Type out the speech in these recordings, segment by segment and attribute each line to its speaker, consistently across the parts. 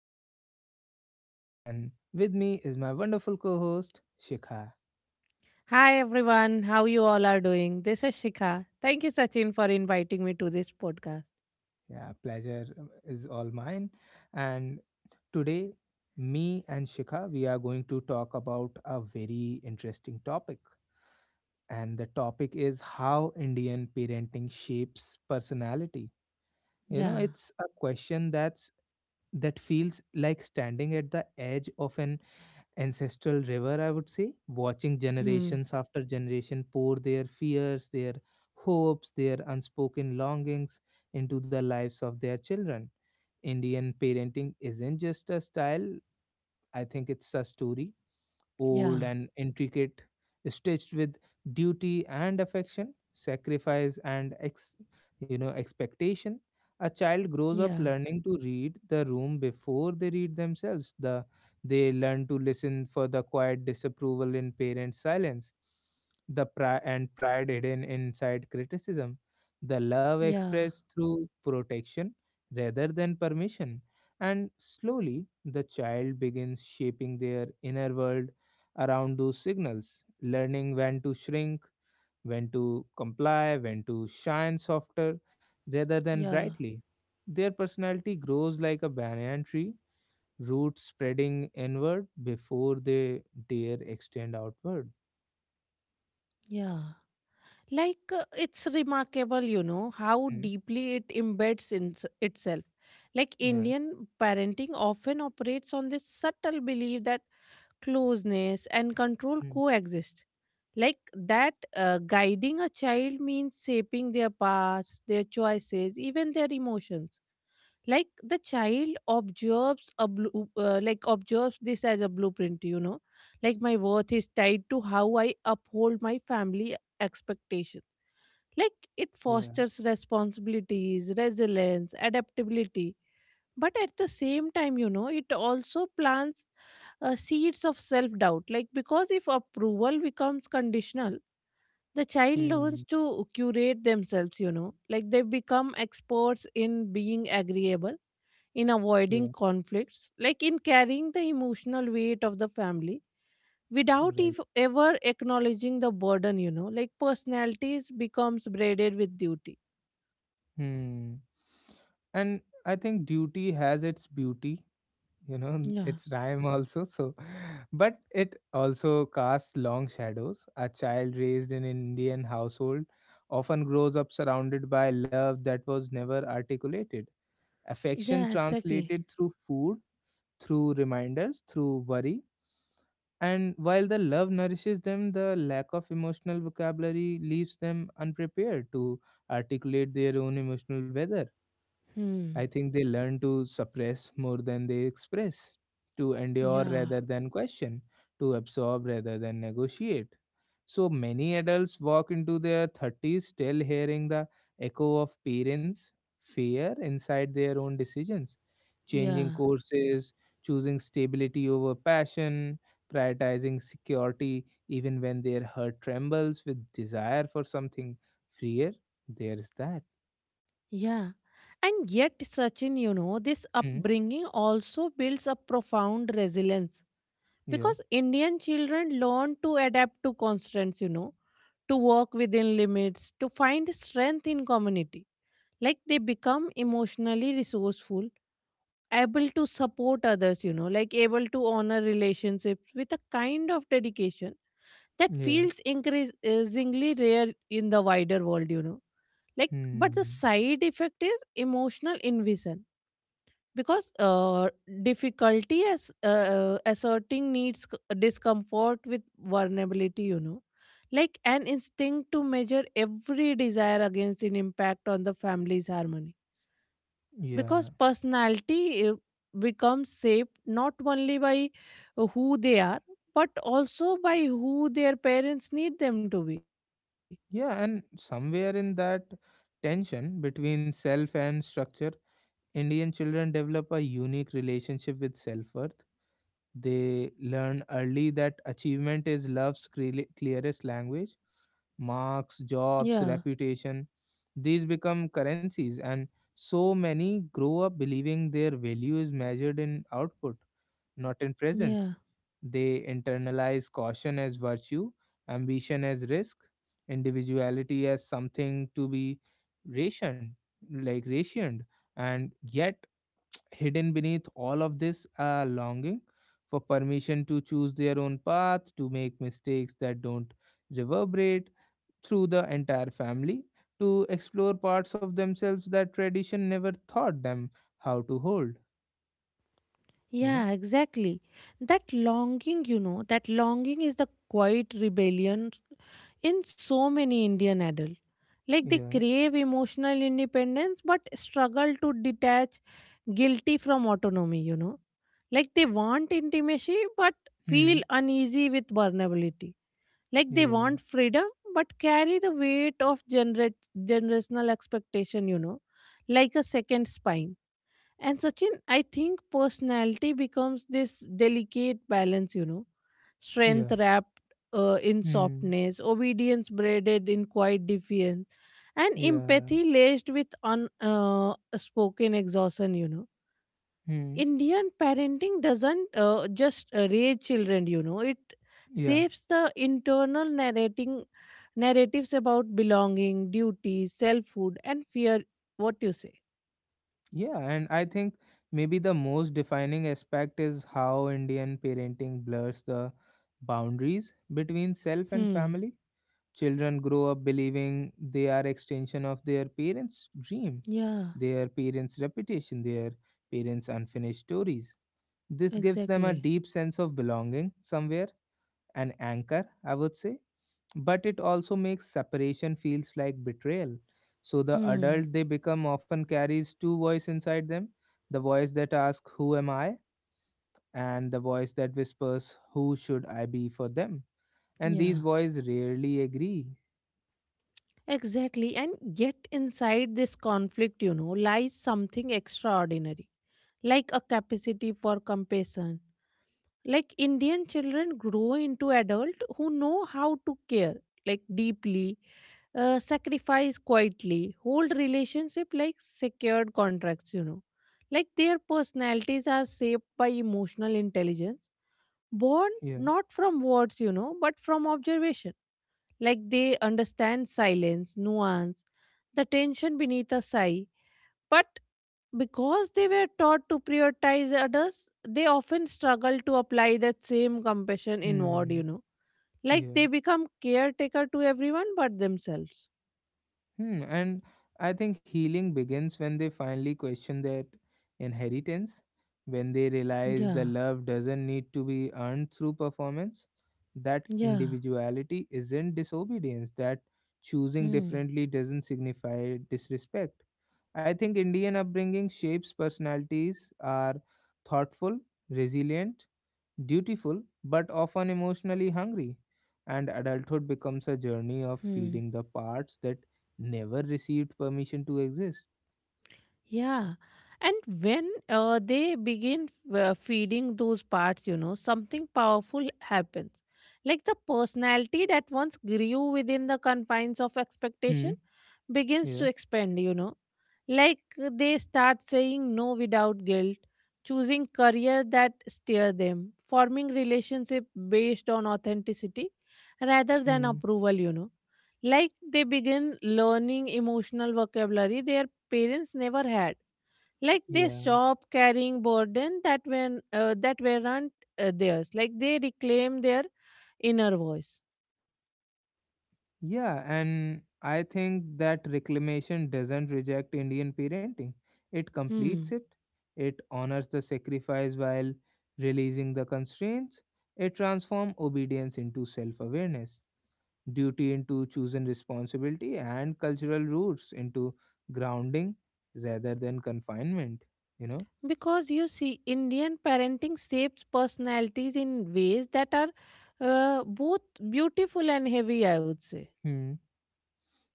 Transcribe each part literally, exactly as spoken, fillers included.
Speaker 1: This is Sachin, and with me is my wonderful co host, Shikha.
Speaker 2: Hi everyone, how you all are doing? This is Shikha. Thank you Sachin for inviting me to this podcast.
Speaker 1: Yeah, pleasure um, is all mine. And today, me and Shikha, we are going to talk about a very interesting topic. And the topic is how Indian parenting shapes personality. You know,
Speaker 2: Yeah.
Speaker 1: it's a question that's that feels like standing at the edge of an ancestral river, I would say, watching
Speaker 2: Hmm.
Speaker 1: generations after generation pour their fears, their hopes, their unspoken longings into the lives of their children. Indian parenting isn't just a style, I think it's a story,
Speaker 2: Yeah.
Speaker 1: old and intricate, stitched with duty and affection, sacrifice and ex, you know expectation. A child grows
Speaker 2: Yeah.
Speaker 1: up learning to read the room before they read themselves. The they learn to listen for the quiet disapproval in parents' silence, the pri- and pride hidden inside criticism, the love
Speaker 2: Yeah.
Speaker 1: expressed through protection rather than permission, and slowly the child begins shaping their inner world around those signals, learning when to shrink, when to comply, when to shine softer rather than
Speaker 2: Yeah.
Speaker 1: brightly. Their personality grows like a banyan tree, roots spreading inward before they dare extend outward.
Speaker 2: Yeah. Like uh, it's remarkable, you know, how
Speaker 1: Hmm.
Speaker 2: deeply it embeds in s- itself. Like
Speaker 1: Yeah.
Speaker 2: Indian parenting often operates on this subtle belief that closeness and control
Speaker 1: Hmm.
Speaker 2: coexist, like that uh, guiding a child means shaping their paths, their choices, even their emotions. Like the child observes a blue, uh, like observes this as a blueprint, you know, like my worth is tied to how I uphold my family expectations. Like it
Speaker 1: Yeah.
Speaker 2: fosters responsibilities, resilience, adaptability, but at the same time, you know, it also plants uh, seeds of self doubt. Like because if approval becomes conditional, the child learns
Speaker 1: Hmm.
Speaker 2: to curate themselves, you know, like they become experts in being agreeable, in avoiding
Speaker 1: Yeah.
Speaker 2: conflicts, like in carrying the emotional weight of the family without
Speaker 1: Right.
Speaker 2: if ever acknowledging the burden, you know, like personalities becomes braided with duty.
Speaker 1: Hmm. And I think duty has its beauty, you know,
Speaker 2: Yeah,
Speaker 1: it's rhyme also so but it also casts long shadows. A child raised in an Indian household often grows up surrounded by love that was never articulated, affection
Speaker 2: yeah, exactly.
Speaker 1: translated through food, through reminders, through worry, and while the love nourishes them, the lack of emotional vocabulary leaves them unprepared to articulate their own emotional weather. I
Speaker 2: Hmm.
Speaker 1: think they learn to suppress more than they express, to endure
Speaker 2: Yeah,
Speaker 1: rather than question, to absorb rather than negotiate. So many adults walk into their thirties still hearing the echo of parents' fear inside their own decisions, changing
Speaker 2: yeah.
Speaker 1: courses, choosing stability over passion, prioritizing security even when their heart trembles with desire for something freer. There is that.
Speaker 2: Yeah. And yet, Sachin, you know, this
Speaker 1: Mhm.
Speaker 2: upbringing also builds a profound resilience
Speaker 1: Yeah.
Speaker 2: because Indian children learn to adapt to constraints, you know, to work within limits, to find strength in community. Like they become emotionally resourceful, able to support others, you know, like able to honor relationships with a kind of dedication that
Speaker 1: Yeah.
Speaker 2: feels increasingly rare in the wider world, you know, like but the
Speaker 1: Hmm.
Speaker 2: side effect is emotional invasion because uh, difficulty as uh, asserting needs, c- discomfort with vulnerability, you know, like an instinct to measure every desire against an impact on the family's harmony,
Speaker 1: Yeah,
Speaker 2: because personality uh, becomes shaped not only by uh, who they are, but also by who their parents need them to be.
Speaker 1: yeah, and somewhere in that tension between self and structure, Indian children develop a unique relationship with self worth. They learn early that achievement is love's cre- clearest language. Marks,
Speaker 2: Yeah,
Speaker 1: jobs, reputation, these become currencies, and so many grow up believing their value is measured in output, not in presence.
Speaker 2: yeah.
Speaker 1: They internalize caution as virtue, ambition as risk, individuality as something to be rationed, like rationed, and yet hidden beneath all of this are longing for permission to choose their own path, to make mistakes that don't reverberate through the entire family, to explore parts of themselves that tradition never taught them how to hold. You know?
Speaker 2: Yeah, exactly. That longing, you know, that longing is the quiet rebellion in so many Indian adults. Like they
Speaker 1: Yeah.
Speaker 2: crave emotional independence but struggle to detach guilty from autonomy, you know. Like they want intimacy but
Speaker 1: Hmm.
Speaker 2: feel uneasy with vulnerability. Like they
Speaker 1: Yeah.
Speaker 2: want freedom but carry the weight of gener- generational expectation, you know, like a second spine. And Sachin, I think personality becomes this delicate balance, you know, strength
Speaker 1: Yeah.
Speaker 2: wrapped uh, in
Speaker 1: Hmm.
Speaker 2: softness, obedience braided in quiet defiance, and
Speaker 1: Yeah.
Speaker 2: empathy laced with unspoken uh, spoken exhaustion, you know.
Speaker 1: Hmm.
Speaker 2: Indian parenting doesn't uh, just uh, raise children, you know, it
Speaker 1: Yeah.
Speaker 2: shapes the internal narrating narratives about belonging, duty, selfhood, and fear. What you say?
Speaker 1: Yeah. And I think maybe the most defining aspect is how Indian parenting blurs the boundaries between self and
Speaker 2: Hmm.
Speaker 1: family. Children grow up believing they are extension of their parents' dream,
Speaker 2: Yeah,
Speaker 1: their parents' reputation, their parents' unfinished stories. This gives them a
Speaker 2: exactly.
Speaker 1: deep sense of belonging somewhere, an anchor, I would say, but it also makes separation feels like betrayal. So the
Speaker 2: Hmm.
Speaker 1: adult they become often carries two voice inside them, the voice that asks who am I, and the voice that whispers who should I be for them, and these
Speaker 2: Yeah.
Speaker 1: voices rarely agree.
Speaker 2: Exactly. And yet, inside this conflict, you know, lies something extraordinary, like a capacity for compassion. Like Indian children grow into adults who know how to care, like deeply, uh, sacrifice quietly, hold relationship like secured contracts, you know. Like their personalities are shaped by emotional intelligence, born
Speaker 1: Yeah.
Speaker 2: not from words, you know, but from observation. Like they understand silence, nuance, the tension beneath a sigh. But because they were taught to prioritize others, they often struggle to apply that same compassion inward,
Speaker 1: Hmm.
Speaker 2: you know. Like they
Speaker 1: Yeah.
Speaker 2: become caretaker to everyone but themselves.
Speaker 1: Hmm. And I think healing begins when they finally question that inheritance, when they realize
Speaker 2: Yeah,
Speaker 1: the love doesn't need to be earned through performance, that
Speaker 2: yeah.
Speaker 1: individuality isn't disobedience, that choosing
Speaker 2: Hmm.
Speaker 1: differently doesn't signify disrespect. I think Indian upbringing shapes personalities are thoughtful, resilient, dutiful but often emotionally hungry, and adulthood becomes a journey of feeding the parts that never received permission to exist.
Speaker 2: Yeah. And when uh, they begin uh, feeding those parts, you know, something powerful happens. Like the personality that once grew within the confines of
Speaker 1: Hmm.
Speaker 2: expectation begins to
Speaker 1: Yeah.
Speaker 2: expand, you know. Like they start saying no without guilt, choosing career that steer them, forming relationship based on authenticity rather than
Speaker 1: Hmm.
Speaker 2: approval, you know. Like they begin learning emotional vocabulary they parents never had. Like they
Speaker 1: Yeah.
Speaker 2: stop carrying burden that when uh, that weren't uh, theirs. Like they reclaim their inner voice.
Speaker 1: Yeah. And I think that reclamation doesn't reject Indian parenting, it completes
Speaker 2: Hmm.
Speaker 1: it, it honors the sacrifice while releasing the constraints, it transforms obedience into self awareness, duty into chosen responsibility, and cultural roots into grounding rather than confinement, you know?
Speaker 2: Because you see, Indian parenting shapes personalities in ways that are uh, both beautiful and heavy, I would say.
Speaker 1: Hmm.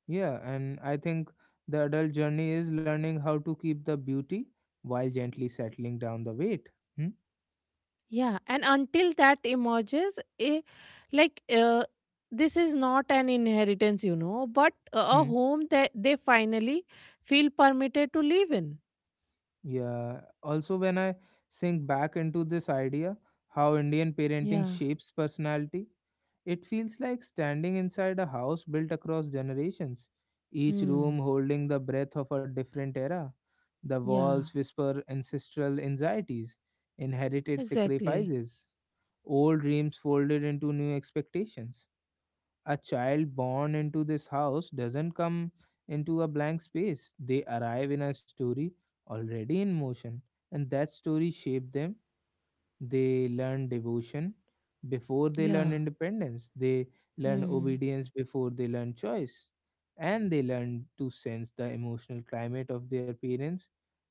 Speaker 1: Yeah, and I think the adult journey is learning how to keep the beauty while gently settling down the weight. Hmm?
Speaker 2: Yeah, and until that emerges, eh, like uh, this is not an inheritance, you know, but a a
Speaker 1: Hmm.
Speaker 2: home that they finally feel permitted to live in.
Speaker 1: Yeah. Also, when I sink back into this idea, how Indian parenting
Speaker 2: Yeah.
Speaker 1: shapes personality, it feels like standing inside a house built across generations, each
Speaker 2: Hmm.
Speaker 1: room holding the breath of a different era. The
Speaker 2: Yeah,
Speaker 1: walls whisper ancestral anxieties, inherited
Speaker 2: exactly.
Speaker 1: sacrifices, old dreams folded into new expectations. A child born into this house doesn't come into a blank space, they arrive in a story already in motion, and that story shaped them. They learn devotion before they learn
Speaker 2: Yeah.
Speaker 1: independence, they learn
Speaker 2: Hmm.
Speaker 1: obedience before they learn choice, and they learn to sense the emotional climate of their parents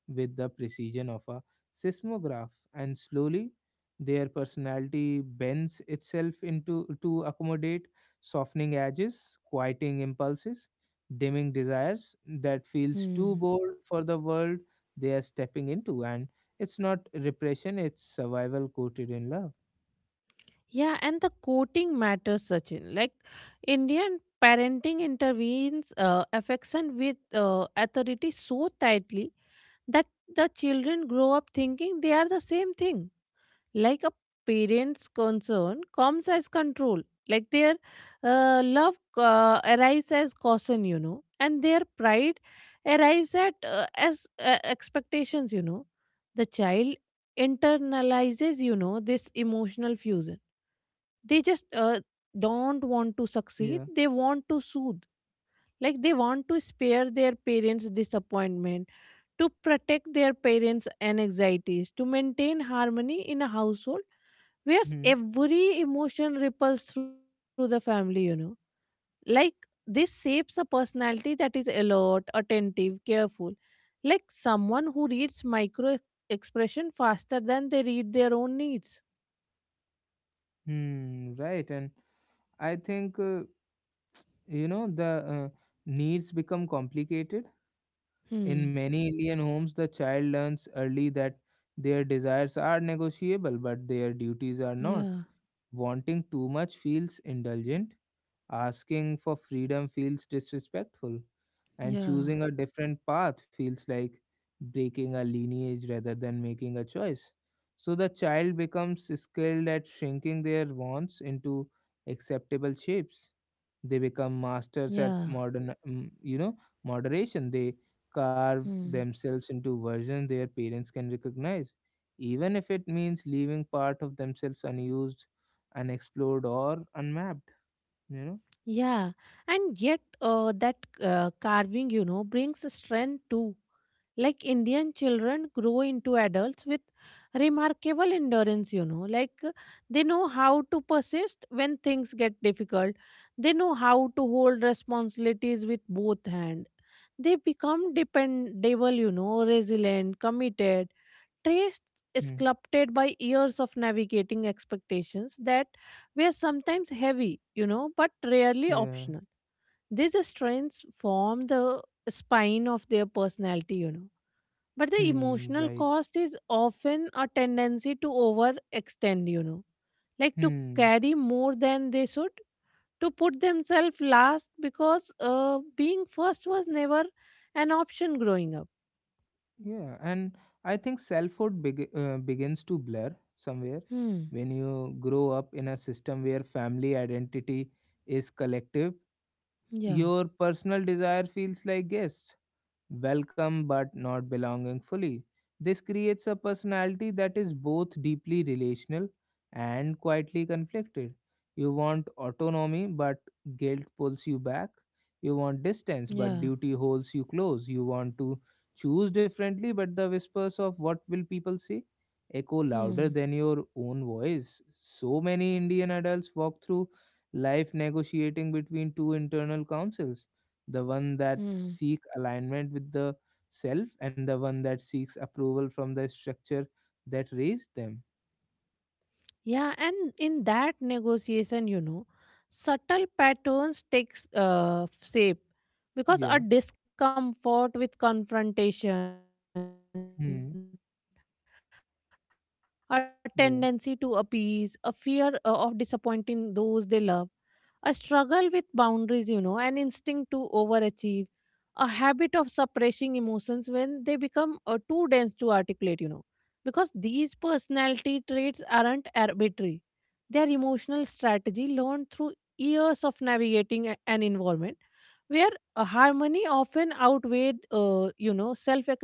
Speaker 1: with the precision of a seismograph, and slowly their personality bends itself into to accommodate, softening edges, quieting impulses, dimming desires that feels too
Speaker 2: Hmm.
Speaker 1: bold for the world they are stepping into, and it's not repression, it's survival coated in love.
Speaker 2: Yeah, and the coating matters, Sachin. Like Indian parenting intervenes uh, affection with uh, authority so tightly that the children grow up thinking they are the same thing. Like a parent's concern comes as control, like their uh, love uh, arrives as caution, you know, and their pride arrives at uh, as uh, expectations, you know. The child internalizes, you know, this emotional fusion. They just uh, don't want to succeed,
Speaker 1: Yeah.
Speaker 2: they want to soothe. Like they want to spare their parents disappointment, to protect their parents' anxieties, to maintain harmony in a household where
Speaker 1: Hmm.
Speaker 2: every emotion ripples through the family, you know. Like this shapes a personality that is alert, attentive, careful. Like someone who reads micro ex- expression faster than they read their own needs.
Speaker 1: Hmm. Right. And I think, uh, you know, the uh, needs become complicated. In
Speaker 2: Hmm.
Speaker 1: many Indian homes, the child learns early that their desires are negotiable, but their duties are not.
Speaker 2: Yeah.
Speaker 1: Wanting too much feels indulgent, asking for freedom feels disrespectful, and
Speaker 2: Yeah.
Speaker 1: choosing a different path feels like breaking a lineage rather than making a choice. So the child becomes skilled at shrinking their wants into acceptable shapes. They become masters at
Speaker 2: Yeah.
Speaker 1: modern, mm, you know, moderation. They carve
Speaker 2: Hmm.
Speaker 1: themselves into versions their parents can recognize, even if it means leaving part of themselves unused, unexplored, or unmapped. You know.
Speaker 2: Yeah. And yet, uh, that uh, carving, you know, brings strength too. Like Indian children grow into adults with remarkable endurance, you know, like uh, they know how to persist when things get difficult. They know how to hold responsibilities with both hands. They become dependable, you know, resilient, committed, traits
Speaker 1: Hmm.
Speaker 2: sculpted by years of navigating expectations that were sometimes heavy, you know, but rarely
Speaker 1: Yeah.
Speaker 2: optional. These strengths form the spine of their personality, you know. But the
Speaker 1: Hmm.
Speaker 2: emotional
Speaker 1: Right.
Speaker 2: cost is often a tendency to overextend, you know, like to
Speaker 1: Hmm.
Speaker 2: carry more than they should, to put themselves last because uh, being first was never an option growing up.
Speaker 1: Yeah. And I think selfhood beg- uh, begins to blur somewhere
Speaker 2: Hmm.
Speaker 1: when you grow up in a system where family identity is collective.
Speaker 2: Yeah.
Speaker 1: Your personal desire feels like guess, welcome but not belonging fully. This creates a personality that is both deeply relational and quietly conflicted. You want autonomy, but guilt pulls you back. You want distance, but
Speaker 2: Yeah.
Speaker 1: duty holds you close. You want to choose differently, but the whispers of what will people say echo louder
Speaker 2: Hmm.
Speaker 1: than your own voice. So many Indian adults walk through life negotiating between two internal councils, the one that
Speaker 2: Hmm.
Speaker 1: seek alignment with the self and the one that seeks approval from the structure that raised them.
Speaker 2: Yeah, and in that negotiation, you know, subtle patterns takes uh, shape because a
Speaker 1: Yeah.
Speaker 2: discomfort with confrontation, a tendency to
Speaker 1: Hmm.
Speaker 2: appease, a fear uh, of disappointing those they
Speaker 1: Yeah.
Speaker 2: love, a struggle with boundaries, you know, an instinct to overachieve, a habit of suppressing emotions when they become uh, too dense to articulate, you know, because these personality traits aren't arbitrary, their emotional strategy learned through years of navigating a- an environment where a harmony often outweighed, uh, you know, self expression.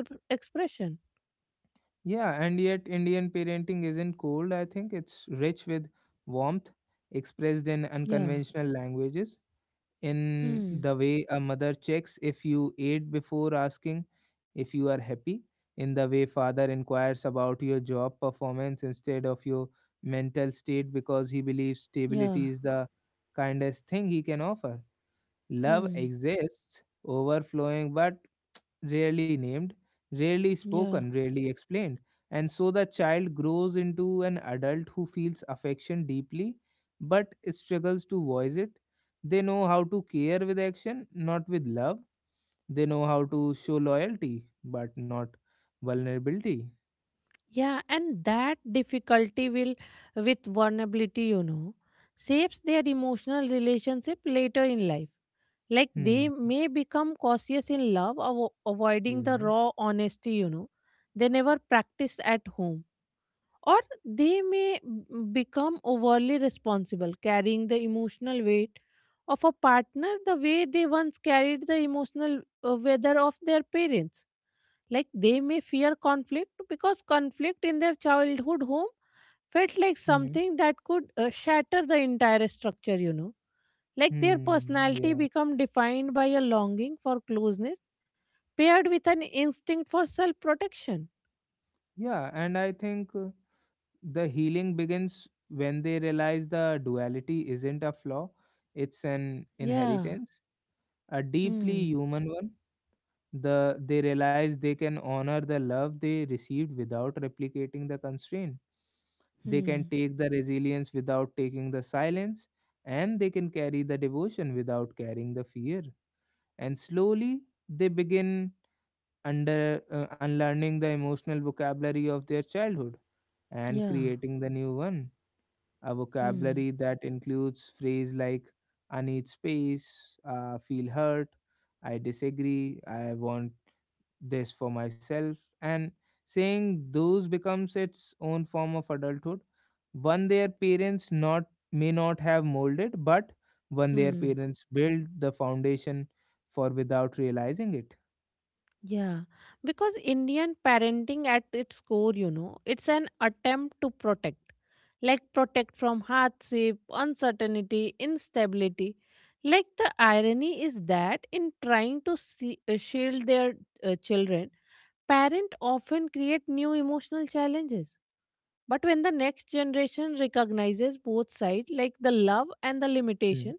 Speaker 1: Yeah, and yet Indian parenting isn't cold, I think it's rich with warmth expressed in
Speaker 2: Yeah.
Speaker 1: unconventional languages,
Speaker 2: Hmm.
Speaker 1: in the way a mother checks if you ate before asking if you are happy, in the way father inquires about your job performance instead of your mental state because he believes
Speaker 2: Yeah.
Speaker 1: stability is the kindest thing he can offer. Love
Speaker 2: Hmm.
Speaker 1: exists, overflowing, but rarely named, rarely
Speaker 2: Yeah.
Speaker 1: spoken, rarely explained. And so the child grows into an adult who feels affection deeply but struggles to voice it. They know how to care with action, not with love. They know how to show loyalty but not vulnerability.
Speaker 2: Yeah. And that difficulty will, with vulnerability, you know, shapes their emotional relationship later in life. Like
Speaker 1: Hmm.
Speaker 2: they may become cautious in love, avo- avoiding the
Speaker 1: Yeah.
Speaker 2: raw honesty, you know, they never practiced at home, or they may b- become overly responsible, carrying the emotional weight of a partner the way they once carried the emotional uh, weather of their parents. Like they may fear conflict because conflict in their childhood home felt like
Speaker 1: Hmm.
Speaker 2: something that could uh, shatter the entire structure, you know. Like their
Speaker 1: Hmm.
Speaker 2: personality
Speaker 1: Yeah.
Speaker 2: become defined by a longing for closeness paired with an instinct for self protection.
Speaker 1: Yeah. And I think uh, the healing begins when they realize the duality isn't a flaw, it's an
Speaker 2: Yeah.
Speaker 1: inheritance, a deeply
Speaker 2: Hmm.
Speaker 1: human one. The they realize they can honor the love they received without replicating the constraint, they can
Speaker 2: Hmm.
Speaker 1: take the resilience without taking the silence, and they can carry the devotion without carrying the fear, and slowly they begin under uh, unlearning the emotional vocabulary of their childhood and
Speaker 2: Yeah.
Speaker 1: creating the new one, a
Speaker 2: Hmm.
Speaker 1: vocabulary that includes phrases like I need space, uh, feel hurt, I disagree, I want this for myself. And saying those becomes its own form of adulthood. One their parents not may not have molded, but one their
Speaker 2: Hmm.
Speaker 1: parents build the foundation for without realizing it.
Speaker 2: Yeah. Because Indian parenting at its core, you know, it's an attempt to protect. Like protect from hardship, uncertainty, instability. Like the irony is that in trying to see, uh, shield their uh, children, parent often create new emotional challenges. But when the next generation recognizes both sides, like the love and the
Speaker 1: Mm.
Speaker 2: limitation,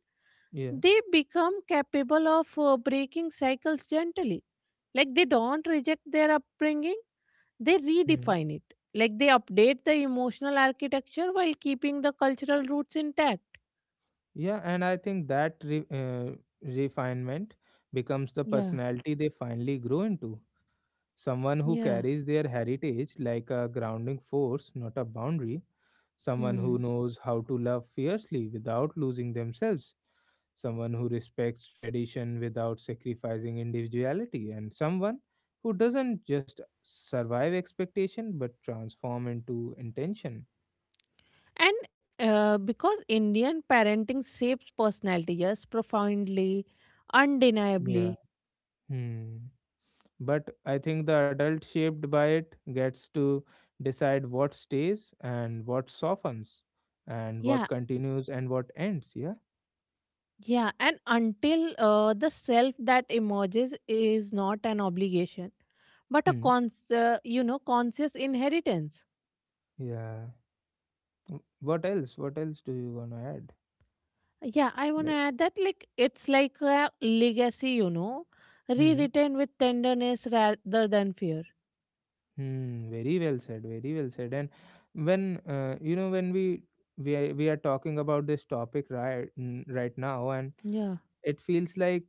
Speaker 1: Yeah.
Speaker 2: they become capable of uh, breaking cycles gently. Like they don't reject their upbringing, they
Speaker 1: Mm.
Speaker 2: redefine it. Like they update the emotional architecture while keeping the cultural roots intact.
Speaker 1: Yeah, and I think that re- uh, refinement becomes the
Speaker 2: Yeah,
Speaker 1: personality they finally grow into. Someone who
Speaker 2: yeah.
Speaker 1: carries their heritage like a grounding force, not a boundary. Someone who
Speaker 2: Hmm.
Speaker 1: knows how to love fiercely without losing themselves. Someone who respects tradition without sacrificing individuality. And someone who doesn't just survive expectation but transform into intention.
Speaker 2: And uh, because Indian parenting shapes personality, yes, profoundly,
Speaker 1: Yeah.
Speaker 2: undeniably.
Speaker 1: Hmm. But I think the adult shaped by it gets to decide what stays and what softens and
Speaker 2: Yeah,
Speaker 1: what continues and what ends. Yeah.
Speaker 2: yeah. And until uh, the self that emerges is not an obligation, but a
Speaker 1: Hmm.
Speaker 2: cons- uh, you know, conscious inheritance.
Speaker 1: Yeah. W- what else what else do you want to add,
Speaker 2: Yeah, I want to
Speaker 1: like?
Speaker 2: add that, like, it's like a legacy, you know,
Speaker 1: Hmm,
Speaker 2: rewritten with tenderness rather than fear.
Speaker 1: hmm, very well said, very well said. And when uh, you know, when we we are, we are talking about this topic right n- right now, and
Speaker 2: Yeah,
Speaker 1: it feels like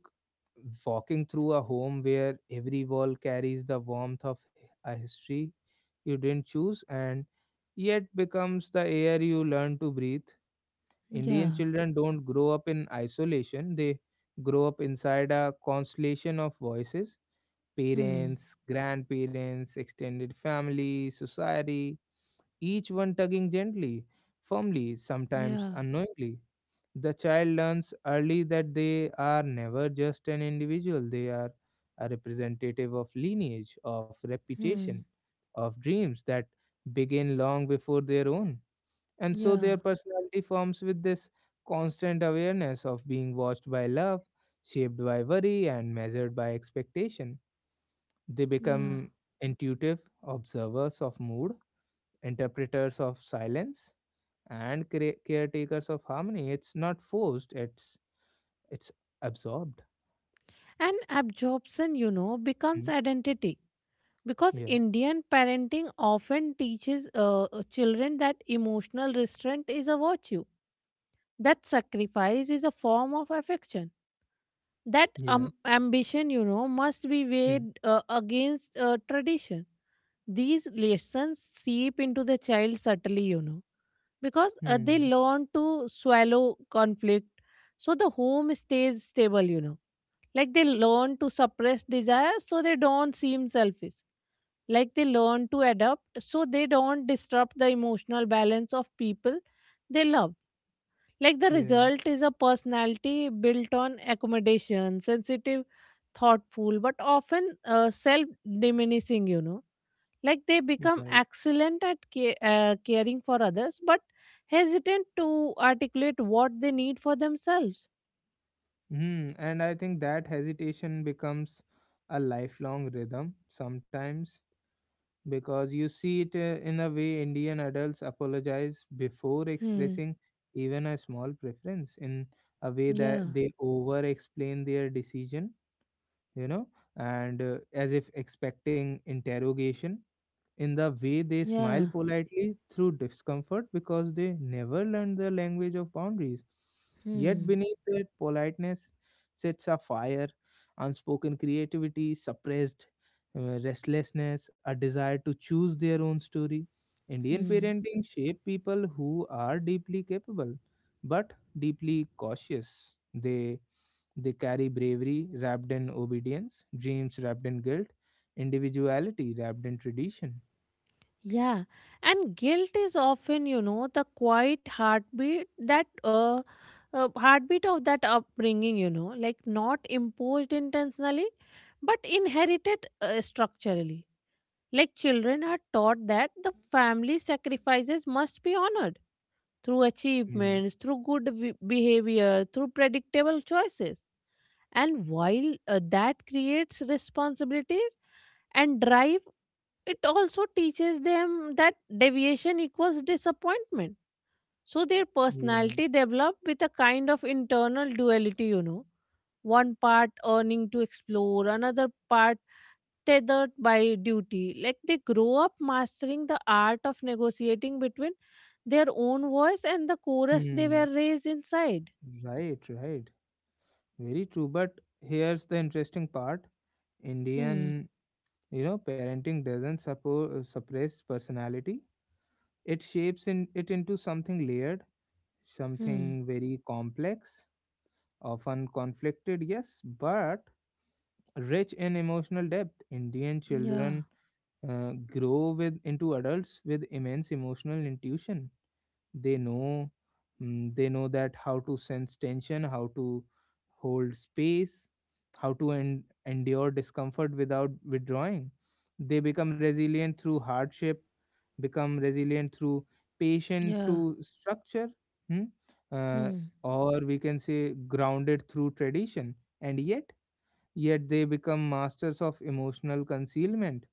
Speaker 1: walking through a home where every wall carries the warmth of a history you didn't choose and yet becomes the air you learn to breathe.
Speaker 2: yeah,
Speaker 1: Indian children don't grow up in isolation, they grow up inside a constellation of voices,
Speaker 2: hmm,
Speaker 1: parents, grandparents, extended family, society, each one tugging gently, firmly, sometimes
Speaker 2: yeah,
Speaker 1: unknowingly. The child learns early that they are never just an individual, they are a representative of lineage, of reputation,
Speaker 2: hmm,
Speaker 1: of dreams that begin long before their own. And so
Speaker 2: yeah,
Speaker 1: their personality forms with this constant awareness of being watched by love, shaped by worry, and measured by expectation. They
Speaker 2: yeah.
Speaker 1: become intuitive observers of mood, interpreters of silence, and care- caretakers of harmony. It's not forced, it's it's absorbed.
Speaker 2: And absorption, you know, becomes
Speaker 1: Mm.
Speaker 2: identity. Because
Speaker 1: Yeah.
Speaker 2: Indian parenting often teaches uh, uh, children that emotional restraint is a virtue, that sacrifice is a form of affection, that
Speaker 1: Yeah.
Speaker 2: um, ambition, you know, must be
Speaker 1: Mm.
Speaker 2: weighed uh, against uh, tradition. These lessons seep into the child subtly, you know, because uh, they
Speaker 1: Hmm.
Speaker 2: learn to swallow conflict so the home stays stable, you know, like they learn to suppress desire so they don't seem selfish. Like they learn to adapt so they don't disrupt the emotional balance of people they love. Like the
Speaker 1: Yeah.
Speaker 2: result is a personality built on accommodation, sensitive, thoughtful, but often uh, self diminishing, you know. Like they become
Speaker 1: Right.
Speaker 2: excellent at ca- uh, caring for others, but hesitant to articulate what they need for themselves.
Speaker 1: Hmm. And I think that hesitation becomes a lifelong rhythm sometimes because you see it uh, in a way Indian adults apologize before
Speaker 2: Hmm.
Speaker 1: expressing even a small preference in a way
Speaker 2: Yeah.
Speaker 1: that they over explain their decision, you know, and uh, as if expecting interrogation in the way they smile
Speaker 2: Yeah.
Speaker 1: politely through discomfort because they never learned the language of boundaries. Yet,
Speaker 2: Hmm.
Speaker 1: beneath that politeness sits a fire, unspoken creativity, suppressed uh, restlessness, a desire to choose their own story. Indian
Speaker 2: Hmm.
Speaker 1: parenting shape people who are deeply capable but deeply cautious. They they carry bravery wrapped in obedience, dreams wrapped in guilt, individuality wrapped in tradition.
Speaker 2: Yeah, and guilt is often, you know, the quiet heartbeat that uh, uh, heartbeat of that upbringing, you know, like not imposed intentionally, but inherited uh, structurally. Like children are taught that the family sacrifices must be honored through
Speaker 1: Yeah,
Speaker 2: achievements, through good v- behavior, through predictable choices. And while uh, that creates responsibilities and drive, it also teaches them that deviation equals disappointment. So their
Speaker 1: yeah.
Speaker 2: personality developed with a kind of internal duality, you know. One part earning to explore, another part tethered by duty. Like they grow up mastering the art of negotiating between their own voice and the chorus they
Speaker 1: Hmm.
Speaker 2: were raised inside.
Speaker 1: Right, right. Very true. But here's the interesting part.
Speaker 2: Hmm,
Speaker 1: Indian, you know, parenting doesn't suppo- uh, suppress personality. It shapes in it into something layered,
Speaker 2: hmm,
Speaker 1: something very complex, often conflicted, yes, but rich in emotional depth. Indian children
Speaker 2: yeah,
Speaker 1: uh, grow with into adults with immense emotional intuition they know mm, they know that how to sense tension how to hold space how to en- endure discomfort without withdrawing they become resilient through hardship become resilient through patient
Speaker 2: yeah,
Speaker 1: through structure. Hmm? uh,
Speaker 2: hmm,
Speaker 1: or we can say grounded through tradition and yet yet they become masters of emotional concealment.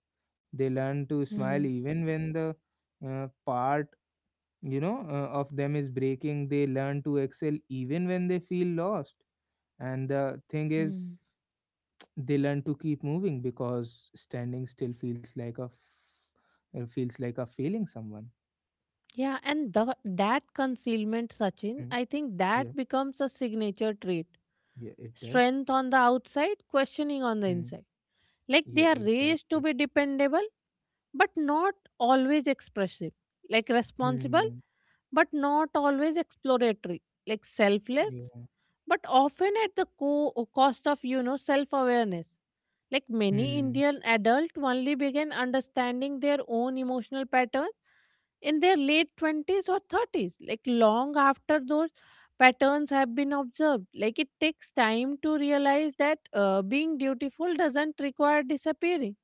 Speaker 1: They learn to smile
Speaker 2: hmm,
Speaker 1: even when the uh, part you know uh, of them is breaking. They learn to excel even when they feel lost. And the thing is
Speaker 2: hmm.
Speaker 1: they learn to keep moving because standing still feels like a f- uh, feels like a failing someone.
Speaker 2: Yeah, and the, that concealment, Sachin,
Speaker 1: Mm.
Speaker 2: I think
Speaker 1: Yeah,
Speaker 2: that becomes a signature trait.
Speaker 1: yeah it does.
Speaker 2: Strength on the outside, questioning on the
Speaker 1: Mm.
Speaker 2: inside. Like they
Speaker 1: Yeah,
Speaker 2: are raised to
Speaker 1: exactly.
Speaker 2: be dependable, but not always expressive. Like responsible,
Speaker 1: Mm.
Speaker 2: but not always exploratory. Like selfless,
Speaker 1: Yeah.
Speaker 2: but often at the co- cost of, you know, self awareness. Like many
Speaker 1: Mm.
Speaker 2: Indian adults only began understanding their own emotional patterns in their late twenties or thirties, like long after those patterns have been observed. Like it takes time to realize that uh, being dutiful doesn't require disappearing,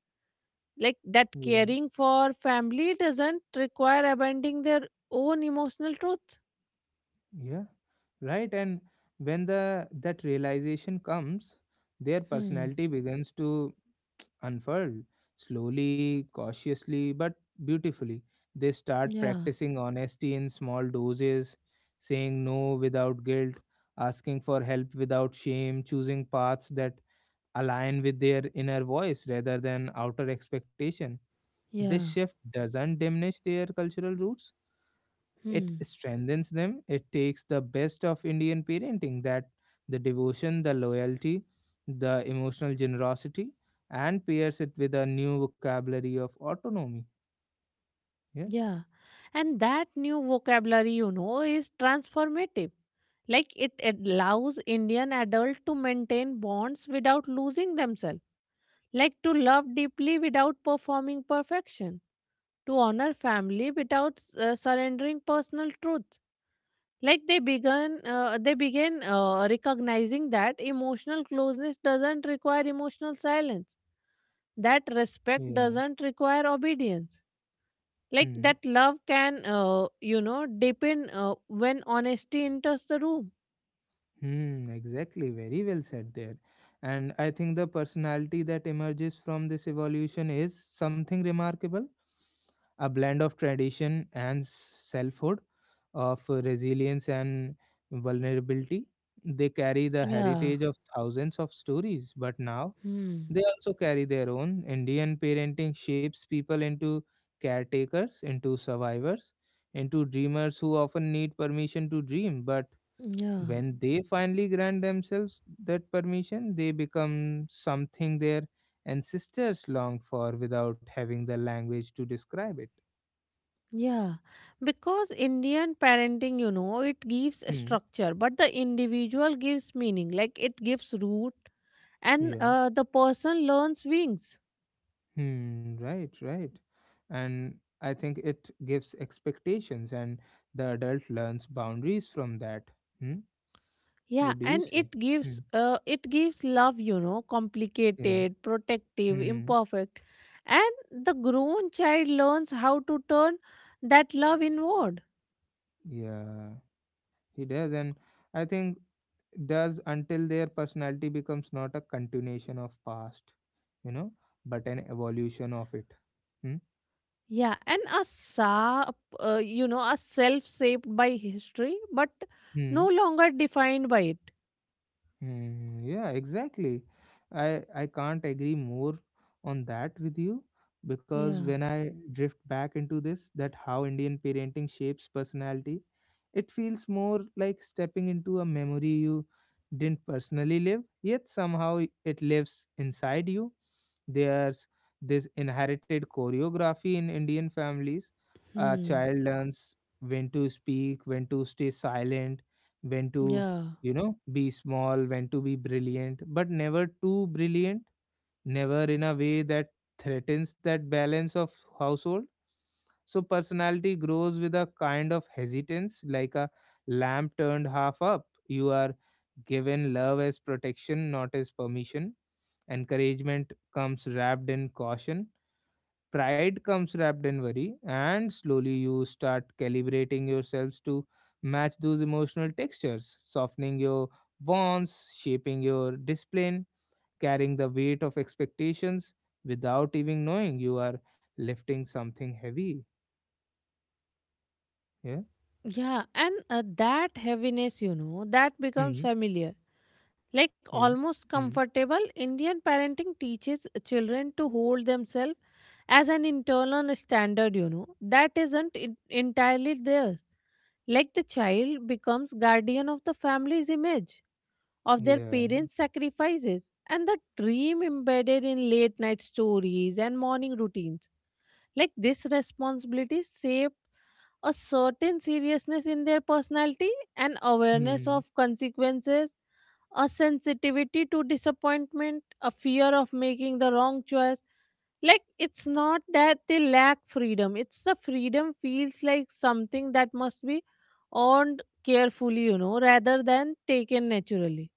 Speaker 2: like that
Speaker 1: Yeah,
Speaker 2: caring for family doesn't require abandoning their own emotional truth.
Speaker 1: yeah, right. And when the that realization comes their
Speaker 2: Hmm.
Speaker 1: personality begins to unfurled slowly, cautiously, but beautifully. They start
Speaker 2: Yeah.
Speaker 1: practicing honesty in small doses, saying no without guilt, asking for help without shame, choosing paths that align with their inner voice rather than outer expectation. This
Speaker 2: Yeah.
Speaker 1: shift doesn't diminish their cultural roots, it
Speaker 2: Hmm.
Speaker 1: strengthens them. It takes the best of Indian parenting that the devotion, the loyalty, the emotional generosity, and pairs it with a new vocabulary of autonomy. Yeah.
Speaker 2: Yeah. And that new vocabulary, you know, is transformative. Like it allows Indian adult to maintain bonds without losing themselves, like to love deeply without performing perfection, to honor family without uh, surrendering personal truth. Like they began, uh, they began uh, recognizing that emotional closeness doesn't require emotional silence, that respect
Speaker 1: Yeah.
Speaker 2: doesn't require obedience like
Speaker 1: Hmm.
Speaker 2: that love can, uh, you know, deepen uh, when honesty enters the room.
Speaker 1: Hmm, exactly. Very well said there. And I think the personality that emerges from this evolution is something remarkable, a blend of tradition and selfhood, of resilience and vulnerability. They carry the
Speaker 2: Yeah.
Speaker 1: heritage of thousands of stories, but now
Speaker 2: Hmm.
Speaker 1: they also carry their own. Indian parenting shapes people into caretakers, into survivors, into dreamers who often need permission to dream, but
Speaker 2: Yeah.
Speaker 1: when they finally grant themselves that permission, they become something their ancestors longed for without having the language to describe it.
Speaker 2: Yeah. Because Indian parenting, you know, it gives a
Speaker 1: Hmm.
Speaker 2: structure, but the individual gives meaning. Like it gives root and
Speaker 1: Yeah.
Speaker 2: uh, the person learns wings.
Speaker 1: Hmm. Right. Right. And I think it gives expectations, and the adult learns boundaries from that. Hmm.
Speaker 2: Yeah,
Speaker 1: What do you
Speaker 2: and
Speaker 1: say?
Speaker 2: it gives
Speaker 1: Hmm.
Speaker 2: uh, it gives love, you know,
Speaker 1: Yeah.
Speaker 2: complicated, protective,
Speaker 1: Hmm.
Speaker 2: imperfect. And the grown child learns how to turn that love inward.
Speaker 1: Yeah. He does, and I think does until their personality becomes not a continuation of past, you know, but an evolution of it. Hmm?
Speaker 2: Yeah, and a saap, uh, you know, a self shaped by history, but
Speaker 1: Hmm.
Speaker 2: no longer defined by it.
Speaker 1: Hmm, yeah, exactly. I I can't agree more on that with you because
Speaker 2: Yeah.
Speaker 1: when I drift back into this, that how Indian parenting shapes personality, it feels more like stepping into a memory you didn't personally live, yet somehow it lives inside you. There's this inherited choreography in Indian families. A
Speaker 2: Hmm.
Speaker 1: child learns when to speak, when to stay silent, when to
Speaker 2: Yeah.
Speaker 1: you know be small, when to be brilliant but never too brilliant, never in a way that threatens that balance of household. So personality grows with a kind of hesitance like a lamp turned half up. You are given love as protection not as permission. Encouragement comes wrapped in caution, pride comes wrapped in worry, and slowly you start calibrating yourselves to match those emotional textures, softening your bonds, shaping your discipline, carrying the weight of expectations without even knowing you are lifting something heavy. Yeah.
Speaker 2: Yeah. And uh, that heaviness, you know, that becomes
Speaker 1: Hmm.
Speaker 2: familiar. Like
Speaker 1: Yeah.
Speaker 2: almost
Speaker 1: Hmm.
Speaker 2: comfortable, Indian parenting teaches children to hold themselves as an internal standard, you know, that isn't en- entirely theirs. Like the child becomes guardian of the family's image, of their
Speaker 1: Yeah.
Speaker 2: parents' sacrifices and the dream embedded in late night stories and morning routines. Like this responsibility shaped a certain seriousness in their personality, an awareness
Speaker 1: Hmm.
Speaker 2: of consequences, a sensitivity to disappointment, a fear of making the wrong choice. Like it's not that they lack freedom, it's the freedom feels like something that must be earned carefully, you know, rather than taken naturally.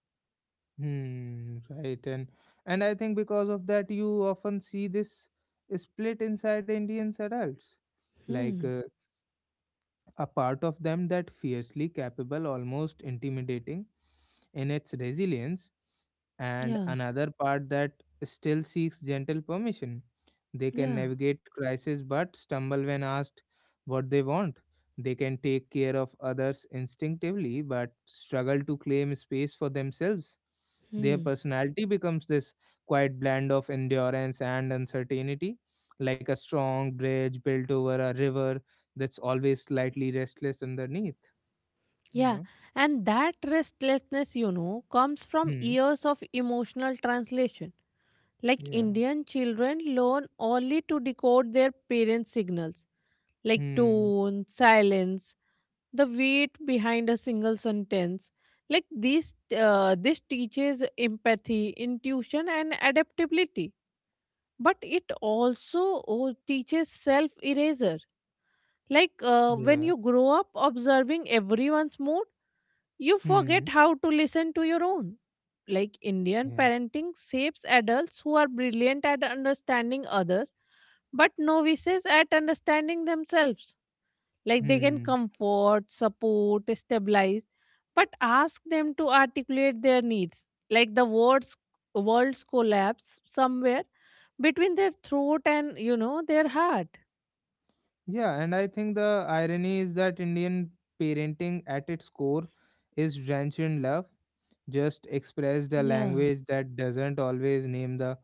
Speaker 1: Hmm. Right. And and I think because of that, you often see this split inside Indians adults like
Speaker 2: Hmm.
Speaker 1: uh, a part of them that fiercely capable, almost intimidating in its resilience, and
Speaker 2: Yeah,
Speaker 1: another part that still seeks gentle permission. They can
Speaker 2: yeah.
Speaker 1: navigate crisis but stumble when asked what they want. They can take care of others instinctively but struggle to claim space for themselves. Their
Speaker 2: Hmm.
Speaker 1: personality becomes this quiet blend of endurance and uncertainty, like a strong bridge built over a river that's always slightly restless underneath, you
Speaker 2: Yeah,
Speaker 1: know?
Speaker 2: and that restlessness, you know, comes from
Speaker 1: Hmm.
Speaker 2: years of emotional translation. Like
Speaker 1: Yeah.
Speaker 2: Indian children learn only to decode their parents' signals, like
Speaker 1: Hmm.
Speaker 2: tone, silence, the weight behind a single sentence. Like this, uh, this teaches empathy, intuition, and adaptability. But it also oh, teaches self erasure. Like uh, when
Speaker 1: Yeah.
Speaker 2: you grow up observing everyone's mood, you
Speaker 1: Hmm.
Speaker 2: forget how to listen to your own. Like Indian
Speaker 1: Yeah.
Speaker 2: parenting shapes adults who are brilliant at understanding others but novices at understanding themselves. Like they can
Speaker 1: Hmm.
Speaker 2: comfort, support, stabilize, but ask them to articulate their needs. Like the words, worlds collapse somewhere between their throat and you know their heart.
Speaker 1: Yeah. And I think the irony is that Indian parenting at its core is drenched in love, just expressed a
Speaker 2: Yeah,
Speaker 1: language that doesn't always name the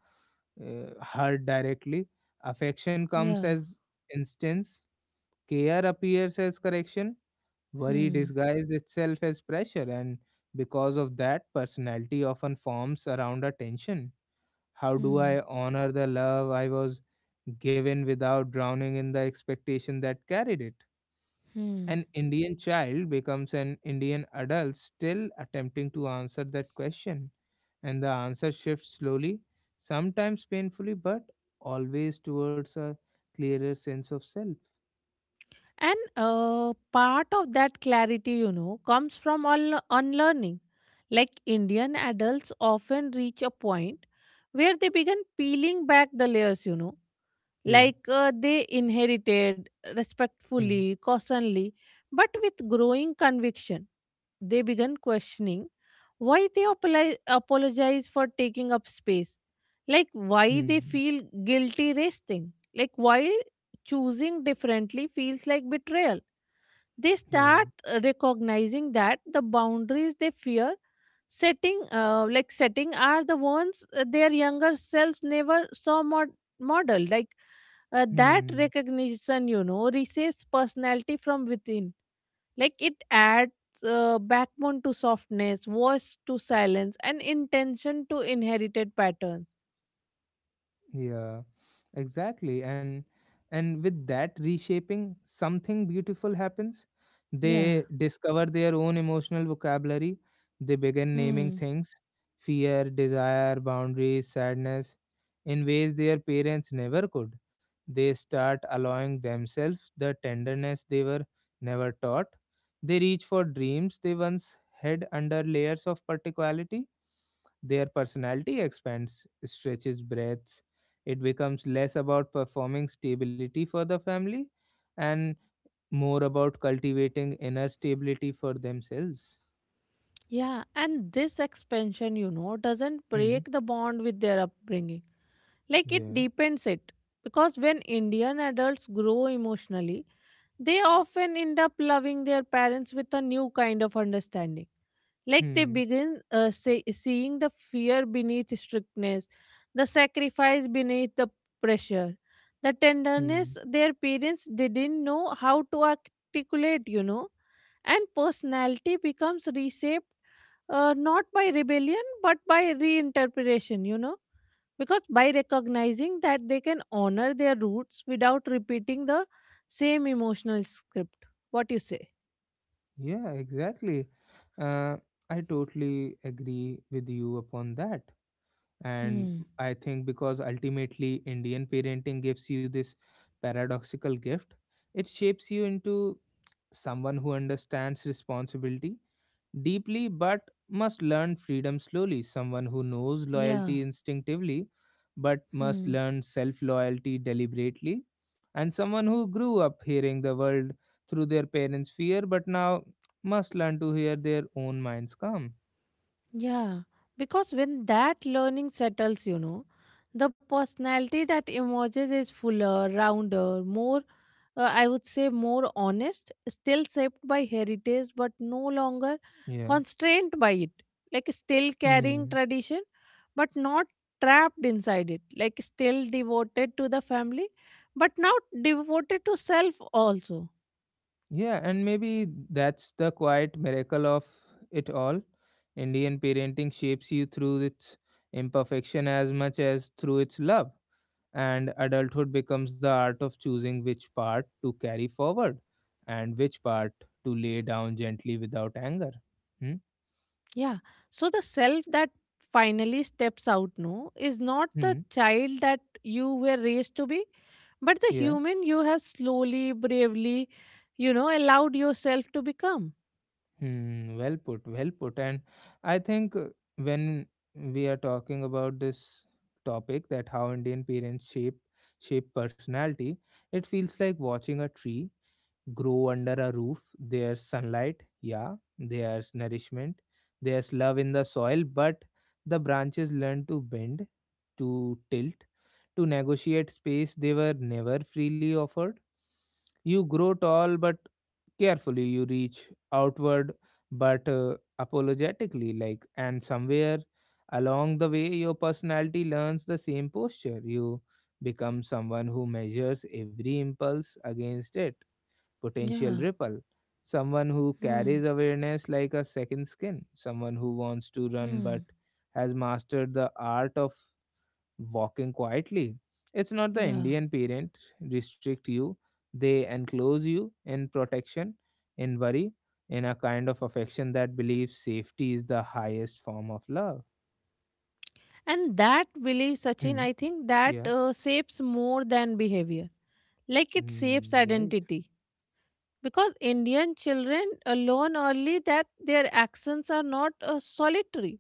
Speaker 1: uh, hurt directly. Affection comes
Speaker 2: yeah.
Speaker 1: as instance, care appears as correction, worry
Speaker 2: Hmm.
Speaker 1: disguises itself as pressure, and because of that, personality often forms around attention. How do
Speaker 2: Hmm.
Speaker 1: I honor the love I was given without drowning in the expectation that carried it?
Speaker 2: Hmm.
Speaker 1: An Indian child becomes an Indian adult still attempting to answer that question, and the answer shifts slowly, sometimes painfully, but always towards a clearer sense of self.
Speaker 2: And uh, part of that clarity, you know, comes from unle- unlearning. Like Indian adults often reach a point where they begin peeling back the layers, you know.
Speaker 1: Yeah.
Speaker 2: Like uh, they inherited
Speaker 1: Hmm.
Speaker 2: respectfully, cautionly, but with growing conviction. They began questioning why they apoli- apologize for taking up space. Like why they
Speaker 1: Hmm.
Speaker 2: feel guilty resting. Like why choosing differently feels like betrayal. They
Speaker 1: Yeah.
Speaker 2: start uh, recognizing that the boundaries they fear setting uh, like setting are the ones uh, their younger selves never saw model. Like uh, that
Speaker 1: Hmm.
Speaker 2: recognition, you know, receives personality from within, like it adds uh, backbone to softness, voice to silence, and intention to inherited patterns.
Speaker 1: Yeah, exactly. And and with that reshaping, something beautiful happens.
Speaker 2: Yeah.
Speaker 1: They discover their own emotional vocabulary. They begin naming
Speaker 2: Hmm.
Speaker 1: things, fear, desire, boundaries, sadness, in ways their parents never could. They start allowing themselves the tenderness they were never taught. They reach for dreams they once hid under layers of particularity. Their personality expands, stretches breadth, it becomes less about performing stability for the family and more about cultivating inner stability for themselves.
Speaker 2: Yeah, and this expansion, you know, doesn't
Speaker 1: Hmm.
Speaker 2: break the bond with their upbringing, like it
Speaker 1: Yeah.
Speaker 2: deepens it, because when Indian adults grow emotionally, they often end up loving their parents with a new kind of understanding. Like they
Speaker 1: Hmm.
Speaker 2: begin uh, say, seeing the fear beneath strictness, the sacrifice beneath the pressure, the
Speaker 1: Hmm.
Speaker 2: tenderness their parents didn't know how to articulate, you know. And personality becomes reshaped, uh, not by rebellion but by reinterpretation, you know. Because by recognizing that they can honor their roots without repeating the same emotional script. What you say?
Speaker 1: Yeah, exactly. Uh, I totally agree with you upon that. And
Speaker 2: Hmm.
Speaker 1: I think because ultimately Indian parenting gives you this paradoxical gift, it shapes you into someone who understands responsibility deeply but must learn freedom slowly. Someone who knows
Speaker 2: Yeah.
Speaker 1: loyalty instinctively but must
Speaker 2: Hmm.
Speaker 1: learn self loyalty deliberately. And someone who grew up hearing the world through their parents' fear but now must learn to hear their own mind's calm.
Speaker 2: Yeah, because when that learning settles, you know, the personality that emerges is fuller, rounder, more, uh, I would say, more honest, still shaped by heritage, but no longer
Speaker 1: Yeah.
Speaker 2: constrained by it. Like still carrying
Speaker 1: Hmm.
Speaker 2: tradition, but not trapped inside it. Like still devoted to the family, but not devoted to self also.
Speaker 1: Yeah, and maybe that's the quiet miracle of it all. Indian parenting shapes you through its imperfection as much as through its love. And adulthood becomes the art of choosing which part to carry forward and which part to lay down gently without anger. Hmm?
Speaker 2: Yeah. So the self that finally steps out no is not the
Speaker 1: Hmm.
Speaker 2: child that you were raised to be, but the
Speaker 1: Yeah.
Speaker 2: human you have slowly, bravely, you know, allowed yourself to become.
Speaker 1: Hmm. Well put. Well put. And I think uh, when we are talking about this topic that how Indian parents shape shape personality, it feels like watching a tree grow under a roof. There's sunlight, yeah, there's nourishment, there's love in the soil, but the branches learn to bend, to tilt, to negotiate space they were never freely offered. You grow tall, but carefully, you reach outward, but uh, apologetically, like, and somewhere along the way, your personality learns the same posture. You become someone who measures every impulse against it potential
Speaker 2: Yeah.
Speaker 1: ripple. Someone who carries
Speaker 2: Hmm.
Speaker 1: awareness like a second skin, someone who wants to run but
Speaker 2: Hmm.
Speaker 1: has mastered the art of walking quietly. It's not the
Speaker 2: Yeah.
Speaker 1: Indian parent restrict you, they enclose you in protection, in worry, in a kind of affection that believes safety is the highest form of love.
Speaker 2: And that belief, Sachin,
Speaker 1: Hmm.
Speaker 2: I think that
Speaker 1: Yeah.
Speaker 2: uh, shapes more than behavior. Like it
Speaker 1: Hmm,
Speaker 2: shapes
Speaker 1: right.
Speaker 2: identity. Because Indian children uh, learn early that their actions are not uh, solitary,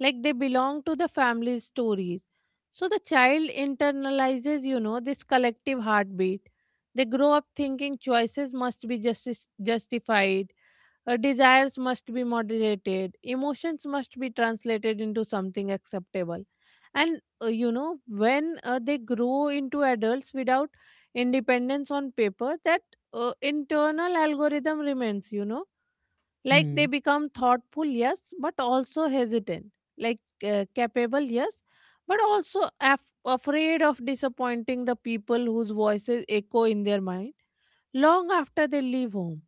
Speaker 2: like they belong to the family stories. So the child internalizes, you know, this collective heartbeat. They grow up thinking choices must be justi- justified, uh, desires must be moderated, emotions must be translated into something acceptable. And uh, you know, when uh, they grow into adults without independence on paper, that uh, internal algorithm remains, you know, like
Speaker 1: Hmm.
Speaker 2: they become thoughtful, yes, but also hesitant, like uh, capable, yes, but also af- afraid of disappointing the people whose voices echo in their mind long after they leave home.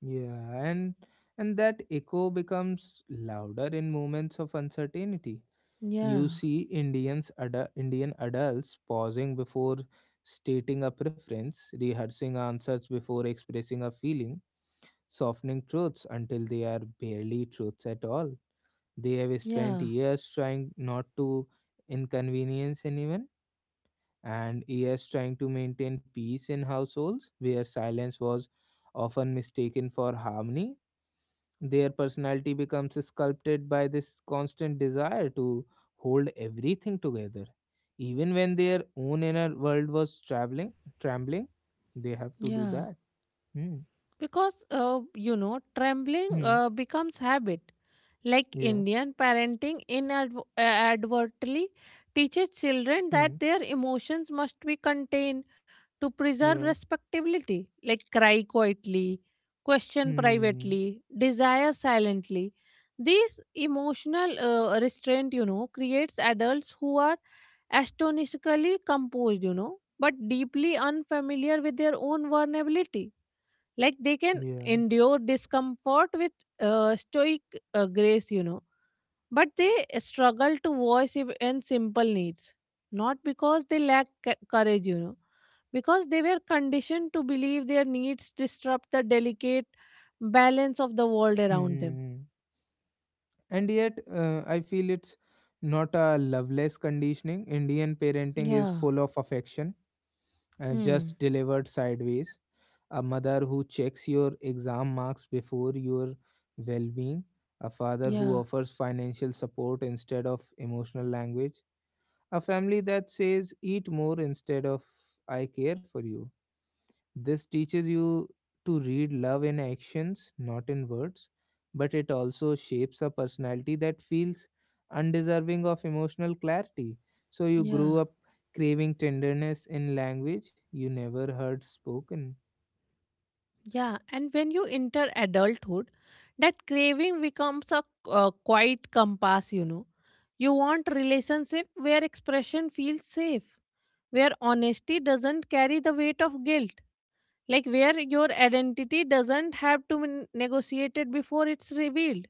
Speaker 1: Yeah, and and that echo becomes louder in moments of uncertainty.
Speaker 2: Yeah,
Speaker 1: You see Indians adu- Indian adults pausing before stating a preference, rehearsing answers before expressing a feeling, softening truths until they are barely truths at all. They have spent
Speaker 2: yeah,
Speaker 1: years trying not to inconvenience anyone and years trying to maintain peace in households where silence was often mistaken for harmony. Their personality becomes sculpted by this constant desire to hold everything together. Even when their own inner world was traveling, trembling, they have to do
Speaker 2: yeah.
Speaker 1: that. Hmm.
Speaker 2: Because, uh, you know, trembling
Speaker 1: Hmm.
Speaker 2: uh, becomes habit. Like
Speaker 1: Yeah.
Speaker 2: Indian parenting inadvertently teaches children
Speaker 1: Hmm.
Speaker 2: that their emotions must be contained to preserve
Speaker 1: Yeah.
Speaker 2: respectability, like cry quietly, question
Speaker 1: Hmm.
Speaker 2: privately, desire silently. These emotional uh, restraint, you know, creates adults who are astonishingly composed, you know, but deeply unfamiliar with their own vulnerability, like they can
Speaker 1: Yeah.
Speaker 2: endure discomfort with uh, stoic uh, grace, you know, but they uh, struggle to voice even simple needs, not because they lack c- courage, you know, because they were conditioned to believe their needs disrupt the delicate balance of the world around them.
Speaker 1: Hmm. And yet, uh, I feel it's not a loveless conditioning. Indian parenting is
Speaker 2: Yeah.
Speaker 1: full of affection, uh, just
Speaker 2: Hmm.
Speaker 1: delivered sideways. A mother who checks your exam marks before your well being, a father who
Speaker 2: Yeah,
Speaker 1: offers financial support instead of emotional language, a family that says, "Eat more" instead of "I care for you." This teaches you to read love in actions, not in words, but it also shapes a personality that feels undeserving of emotional clarity. So you grew
Speaker 2: yeah.
Speaker 1: up craving tenderness in language you never heard spoken.
Speaker 2: Yeah, and when you enter adulthood, that craving becomes a uh, quiet compass, you know. You want relationship where expression feels safe, where honesty doesn't carry the weight of guilt, like where your identity doesn't have to be negotiated before it's revealed.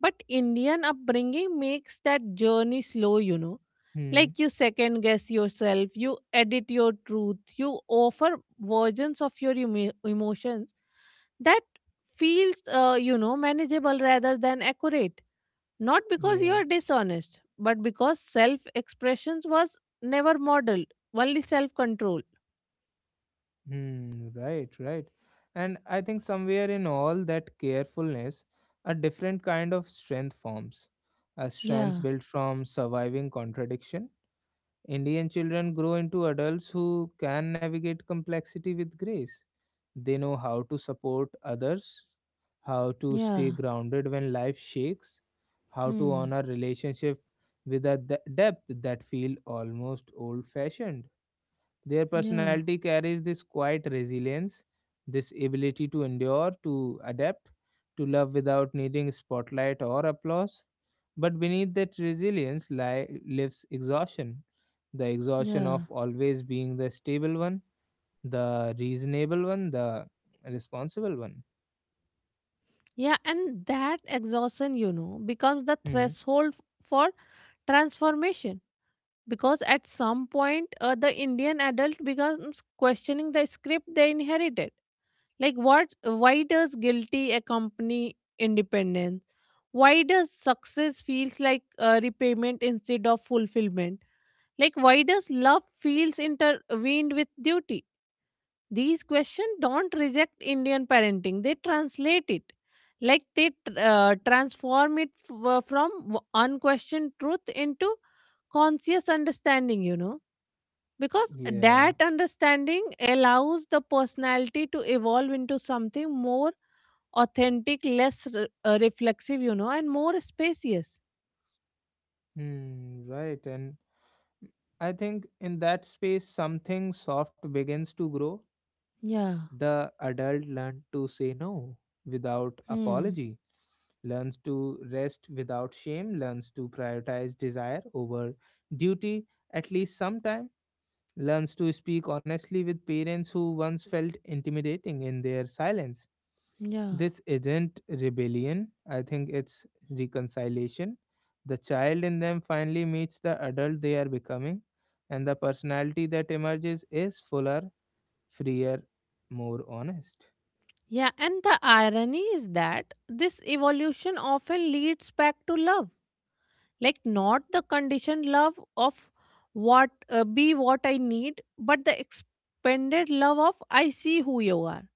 Speaker 2: But Indian upbringing makes that journey slow, you know.
Speaker 1: Hmm.
Speaker 2: Like you second guess yourself, you edit your truth, you offer versions of your emo- emotions that feels, uh, you know, manageable rather than accurate, not because you
Speaker 1: Yeah.
Speaker 2: are dishonest, but because self expressions was never modeled, only self control.
Speaker 1: Hmm, right, right. And I think somewhere in all that carefulness, a different kind of strength forms. A strength
Speaker 2: Yeah,
Speaker 1: built from surviving contradiction. Indian children grow into adults who can navigate complexity with grace. They know how to support others, how to stay
Speaker 2: yeah,
Speaker 1: grounded when life shakes, how to
Speaker 2: hmm,
Speaker 1: honor relationship with a de- depth that feel almost old fashioned. Their
Speaker 2: yeah,
Speaker 1: personality carries this quiet resilience, this ability to endure, to adapt, to love without needing spotlight or applause. But beneath that resilience li- lives exhaustion, the exhaustion
Speaker 2: yeah.
Speaker 1: of always being the stable one, the reasonable one, the responsible one.
Speaker 2: Yeah, and that exhaustion, you know, becomes the
Speaker 1: Hmm.
Speaker 2: threshold for transformation. Because at some point, uh, the Indian adult becomes questioning the script they inherited. Like, what? Why does guilty accompany independence? Why does success feels like uh, repayment instead of fulfillment? Like why does love feels intervened with duty? These questions don't reject Indian parenting; they translate it, like they uh, transform it f- uh, from w- unquestioned truth into conscious understanding. You know, because
Speaker 1: Yeah.
Speaker 2: that understanding allows the personality to evolve into something more authentic, less re- uh, reflexive, you know, and more spacious.
Speaker 1: Hmm. Right. And I think in that space, something soft begins to grow.
Speaker 2: Yeah.
Speaker 1: The adult learns to say no without
Speaker 2: Hmm.
Speaker 1: apology, learns to rest without shame, learns to prioritize desire over duty at least sometime, learns to speak honestly with parents who once felt intimidating in their silence.
Speaker 2: Yeah.
Speaker 1: This isn't rebellion, I think it's reconciliation. The child in them finally meets the adult they are becoming, and the personality that emerges is fuller, freer, more honest.
Speaker 2: Yeah. And the irony is that this evolution often leads back to love. Like, not the conditioned love of what uh, be what I need, but the expanded love of I see who you are.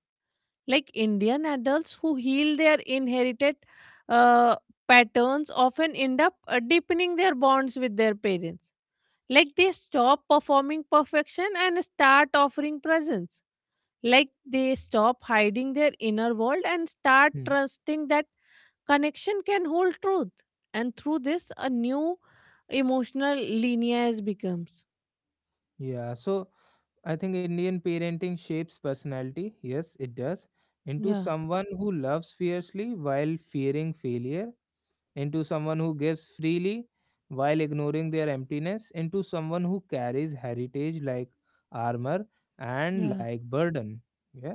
Speaker 2: Like, Indian adults who heal their inherited uh, patterns often end up uh, deepening their bonds with their parents. Like, they stop performing perfection and start offering presence. Like they stop hiding their inner world and start
Speaker 1: Hmm.
Speaker 2: trusting that connection can hold truth. And through this, a new emotional lineage becomes.
Speaker 1: Yeah, so I think Indian parenting shapes personality. Yes, it does. Into
Speaker 2: Yeah,
Speaker 1: someone who loves fiercely while fearing failure, into someone who gives freely while ignoring their emptiness, into someone who carries heritage like armor and
Speaker 2: yeah.
Speaker 1: like burden. Yeah.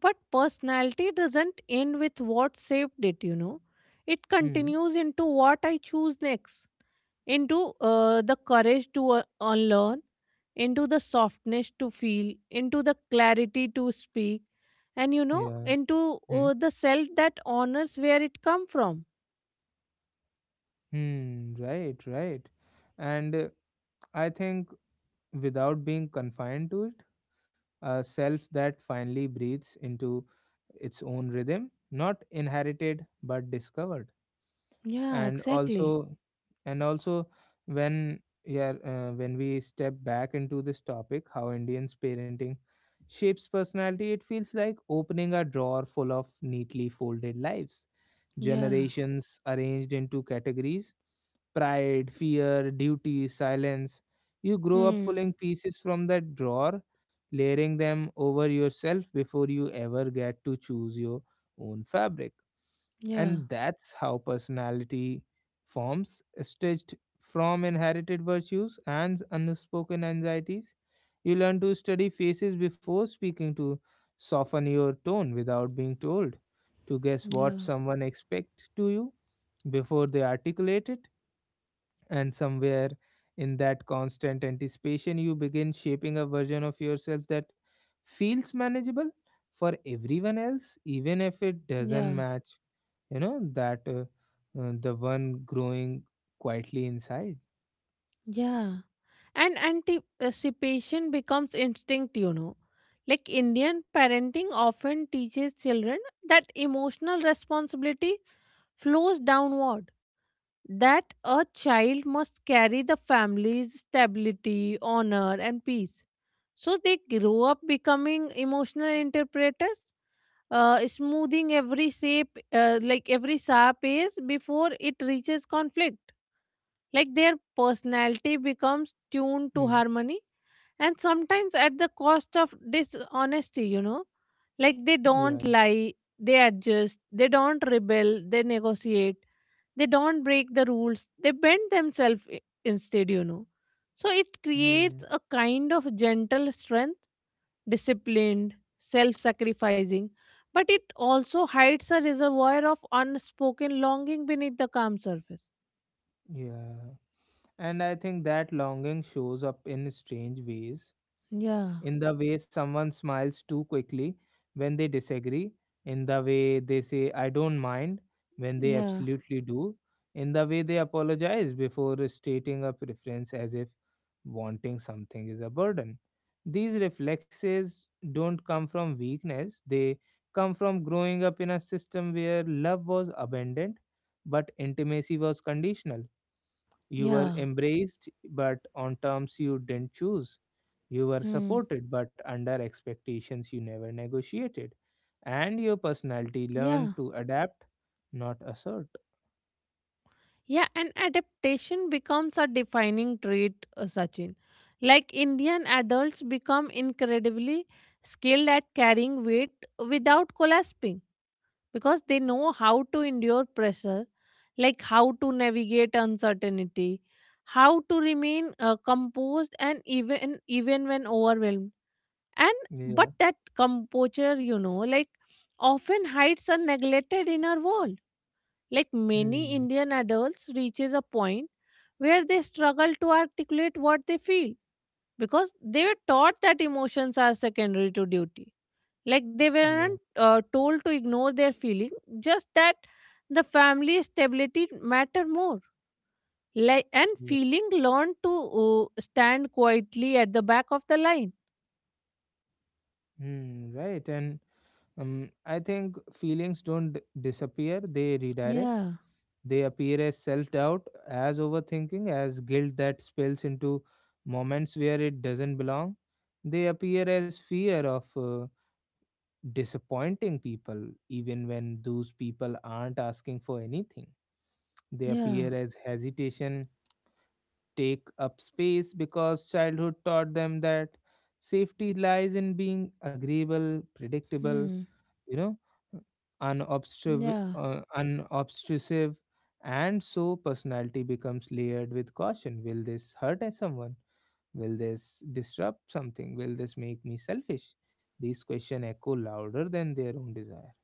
Speaker 2: But personality doesn't end with what shaped it, you know. It
Speaker 1: Hmm.
Speaker 2: continues into what I choose next, into uh, the courage to uh, unlearn, into the softness to feel, into the clarity to speak, and you know
Speaker 1: Yeah.
Speaker 2: into
Speaker 1: Hmm.
Speaker 2: uh, the self that honors where it come from.
Speaker 1: Hmm. Right, right. And uh, I think without being confined to it, a self that finally breathes into its own rhythm, not inherited but discovered.
Speaker 2: Yeah,
Speaker 1: and also
Speaker 2: exactly.
Speaker 1: and also when yeah uh, when we step back into this topic, how Indians parenting shapes personality, it feels like opening a drawer full of neatly folded lives,
Speaker 2: Yeah.
Speaker 1: generations arranged into categories: pride, fear, duty, silence. You grow up
Speaker 2: Hmm.
Speaker 1: pulling pieces from that drawer, layering them over yourself before you ever get to choose your own fabric.
Speaker 2: Yeah,
Speaker 1: And that's how personality forms, stitched from inherited virtues and unspoken anxieties. You learn to study faces before speaking, to soften your tone without being told, to guess
Speaker 2: yeah,
Speaker 1: what someone expects to you before they articulate it. And somewhere in that constant anticipation, you begin shaping a version of yourself that feels manageable for everyone else, even if it doesn't
Speaker 2: yeah,
Speaker 1: match, you know that uh, uh, the one growing quietly inside.
Speaker 2: yeah. And anticipation becomes instinct, you know. Like Indian parenting often teaches children that emotional responsibility flows downward, that a child must carry the family's stability, honor and peace. So they grow up becoming emotional interpreters, uh, smoothing every shape, uh, like every sharp edge before it reaches conflict. Like their personality becomes tuned to
Speaker 1: Hmm.
Speaker 2: harmony, and sometimes at the cost of dishonesty, you know. Like they don't
Speaker 1: Yeah.
Speaker 2: lie, they adjust, they don't rebel, they negotiate, they don't break the rules, they bend themselves i- instead, you know. So it creates
Speaker 1: Hmm.
Speaker 2: a kind of gentle strength, disciplined, self sacrificing, but it also hides a reservoir of unspoken longing beneath the calm surface.
Speaker 1: Yeah. And I think that longing shows up in strange ways:
Speaker 2: Yeah,
Speaker 1: in the way someone smiles too quickly when they disagree, in the way they say, "I don't mind" when they
Speaker 2: yeah,
Speaker 1: absolutely do, in the way they apologize before stating a preference as if wanting something is a burden. These reflexes don't come from weakness, they come from growing up in a system where love was abundant but intimacy was conditional. You were
Speaker 2: yeah,
Speaker 1: embraced, but on terms you didn't choose. You were
Speaker 2: hmm,
Speaker 1: supported, but under expectations you never negotiated. And your personality
Speaker 2: yeah.
Speaker 1: learned to adapt, not assert.
Speaker 2: Yeah, and adaptation becomes a defining trait, uh, Sachin. Like Indian adults become incredibly skilled at carrying weight without collapsing because they know how to endure pressure, like how to navigate uncertainty, how to remain uh, composed and even even when overwhelmed. And
Speaker 1: Yeah.
Speaker 2: but that composure, you know, like often hides a neglected inner world. Like many
Speaker 1: Hmm.
Speaker 2: Indian adults reaches a point where they struggle to articulate what they feel because they were taught that emotions are secondary to duty. Like they
Speaker 1: Yeah.
Speaker 2: weren't uh, told to ignore their feeling, just that the family stability matter more. Like and
Speaker 1: Yeah.
Speaker 2: feeling learned to uh, stand quietly at the back of the line.
Speaker 1: Hmm. Right. And um, I think feelings don't d- disappear, they redirect.
Speaker 2: Yeah,
Speaker 1: They appear as self doubt, as overthinking, as guilt that spills into moments where it doesn't belong. They appear as fear of uh, disappointing people, even when those people aren't asking for anything. They
Speaker 2: yeah,
Speaker 1: appear as hesitation, take up space, because childhood taught them that safety lies in being agreeable, predictable,
Speaker 2: hmm,
Speaker 1: you know, unobstru-
Speaker 2: yeah.
Speaker 1: uh, unobtrusive. And so personality becomes layered with caution. Will this hurt someone? Will this disrupt something? Will this make me selfish? These questions echo louder than their own desire.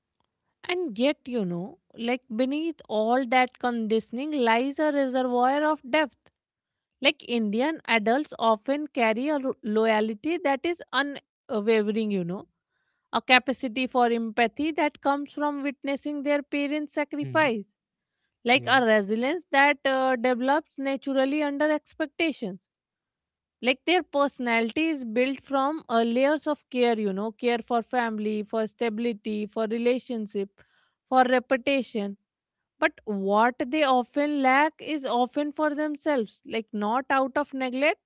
Speaker 2: And yet, you know, like beneath all that conditioning lies a reservoir of depth. Like Indian adults often carry a ro- loyalty that is unwavering, you know, a capacity for empathy that comes from witnessing their parents'
Speaker 1: Hmm.
Speaker 2: sacrifice, like
Speaker 1: Yeah,
Speaker 2: a resilience that uh, develops naturally under expectations. Like their personality is built from uh, layers of care, you know, care for family, for stability, for relationship, for reputation, but what they often lack is often for themselves, like not out of neglect,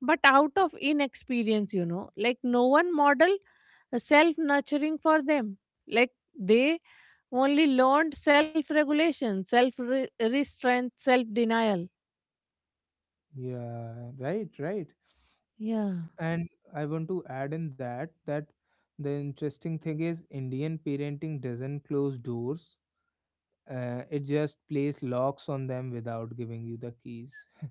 Speaker 2: but out of inexperience, you know. Like no one model self nurturing for them. Like they only learned self regulation, self restraint, self denial.
Speaker 1: yeah, right, right.
Speaker 2: Yeah.
Speaker 1: And I want to add in that that the interesting thing is Indian parenting doesn't close doors. Uh, it just plays locks on them without giving you the keys.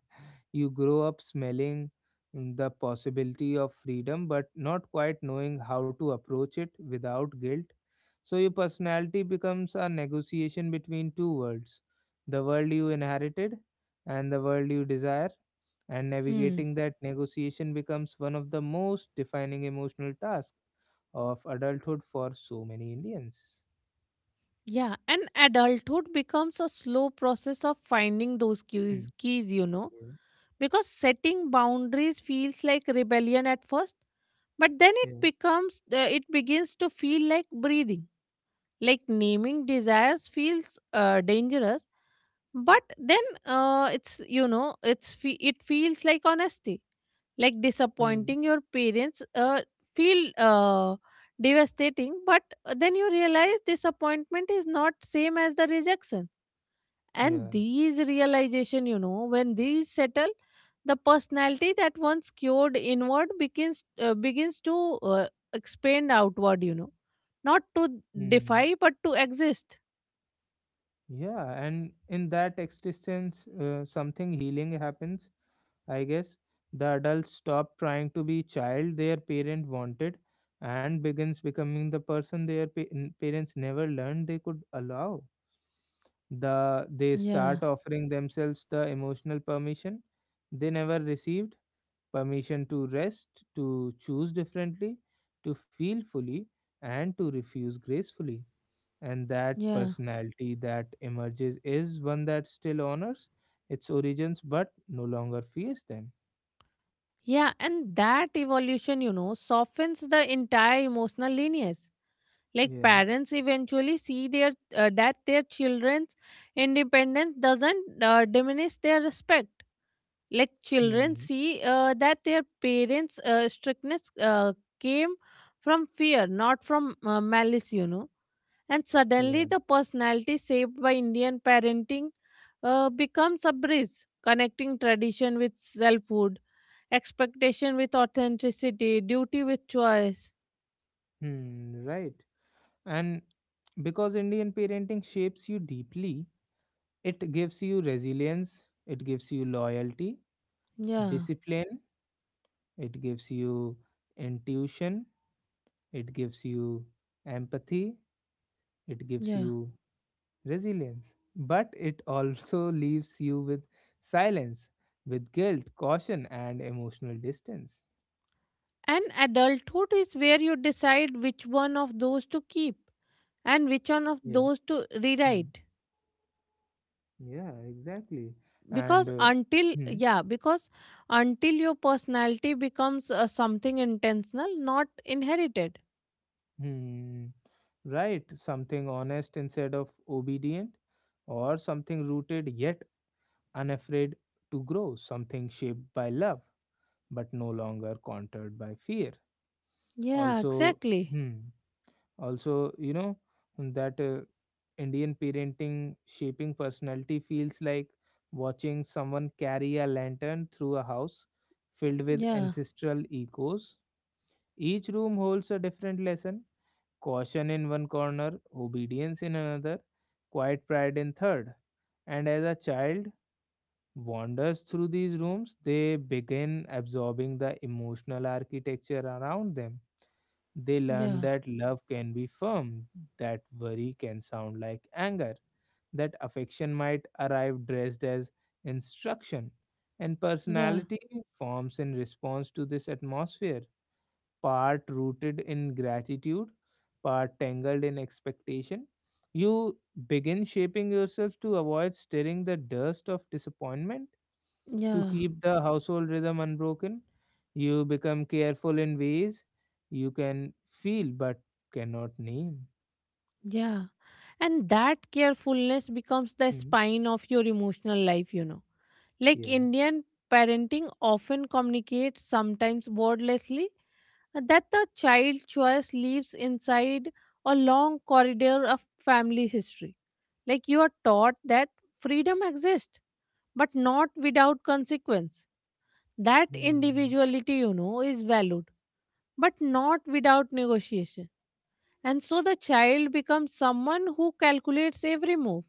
Speaker 1: You grow up smelling, mm, the possibility of freedom, but not quite knowing how to approach it without guilt. So your personality becomes a negotiation between two worlds: the world you inherited and the world you desire. And
Speaker 2: Hmm.
Speaker 1: navigating that negotiation becomes one of the most defining emotional tasks of adulthood for so many Indians.
Speaker 2: Yeah. And adulthood becomes a slow process of finding those cues,
Speaker 1: Mm.
Speaker 2: keys, you know.
Speaker 1: Yeah.
Speaker 2: Because setting boundaries feels like rebellion at first, but then it
Speaker 1: Yeah.
Speaker 2: becomes uh, it begins to feel like breathing. Like naming desires feels uh, dangerous, but then uh, it's, you know, it's fe- it feels like honesty. Like
Speaker 1: Mm.
Speaker 2: disappointing your parents uh, feel uh, devastating, but then you realize disappointment is not same as the rejection. And
Speaker 1: Yeah.
Speaker 2: these realization, you know, when these settle, the personality that once cured inward begins uh, begins to uh, expand outward, you know, not to
Speaker 1: Mm.
Speaker 2: defy but to exist.
Speaker 1: Yeah. And in that existence, uh, something healing happens, I guess. The adults stop trying to be child their parent wanted and begins becoming the person their pa- n- parents never learned they could allow. The they
Speaker 2: Yeah.
Speaker 1: start offering themselves the emotional permission they never received: permission to rest, to choose differently, to feel fully, and to refuse gracefully. And that
Speaker 2: Yeah.
Speaker 1: personality that emerges is one that still honors its origins but no longer fears them.
Speaker 2: Yeah, and that evolution, you know, softens the entire emotional lineage, like
Speaker 1: Yeah.
Speaker 2: parents eventually see their uh, that their children's independence doesn't uh, diminish their respect, like children
Speaker 1: Hmm.
Speaker 2: see uh, that their parents uh, strictness uh, came from fear not from uh, malice, you know, and suddenly
Speaker 1: Yeah.
Speaker 2: the personality shaped by Indian parenting uh, becomes a bridge connecting tradition with selfhood, expectation with authenticity, duty with choice.
Speaker 1: Hmm. Right. And because Indian parenting shapes you deeply, it gives you resilience, it gives you loyalty,
Speaker 2: Yeah,
Speaker 1: discipline, it gives you intuition, it gives you empathy, it gives
Speaker 2: yeah,
Speaker 1: you resilience. But it also leaves you with silence, with guilt, caution, and emotional distance.
Speaker 2: and adulthood is where you decide which one of those to keep and which one of
Speaker 1: Yeah.
Speaker 2: those to
Speaker 1: Hmm.
Speaker 2: rewrite,
Speaker 1: Yeah, exactly. And
Speaker 2: because
Speaker 1: uh,
Speaker 2: until,
Speaker 1: hmm.
Speaker 2: yeah, because until your personality becomes uh, something intentional, not inherited.
Speaker 1: Hmm. Right. Something honest instead of obedient, or something rooted yet unafraid to grow, something shaped by love but no longer contoured by fear.
Speaker 2: Yeah,
Speaker 1: Also,
Speaker 2: exactly.
Speaker 1: hmm. Also, you know, that uh, Indian parenting shaping personality feels like watching someone carry a lantern through a house filled with
Speaker 2: Yeah,
Speaker 1: ancestral echoes. Each room holds a different lesson: caution in one corner, obedience in another, quiet pride in third. And as a child wanders through these rooms, they begin absorbing the emotional architecture around them. They learn
Speaker 2: yeah,
Speaker 1: that love can be firm, that worry can sound like anger, that affection might arrive dressed as instruction, and
Speaker 2: yeah,
Speaker 1: personality forms in response to this atmosphere, part rooted in gratitude, part tangled in expectation. You begin shaping yourself to avoid stirring the dust of disappointment, to
Speaker 2: yeah,
Speaker 1: keep the household rhythm unbroken. You become careful in ways you can feel but cannot name.
Speaker 2: yeah. And that carefulness becomes the
Speaker 1: Mm,
Speaker 2: spine of your emotional life, you know, like
Speaker 1: yeah.
Speaker 2: Indian parenting often communicates, sometimes wordlessly, Uh, that the child choice lives inside a long corridor of family history. Like you are taught that freedom exists, but not without consequence. That
Speaker 1: Mm,
Speaker 2: individuality, you know, is valued, but not without negotiation. And so the child becomes someone who calculates every move,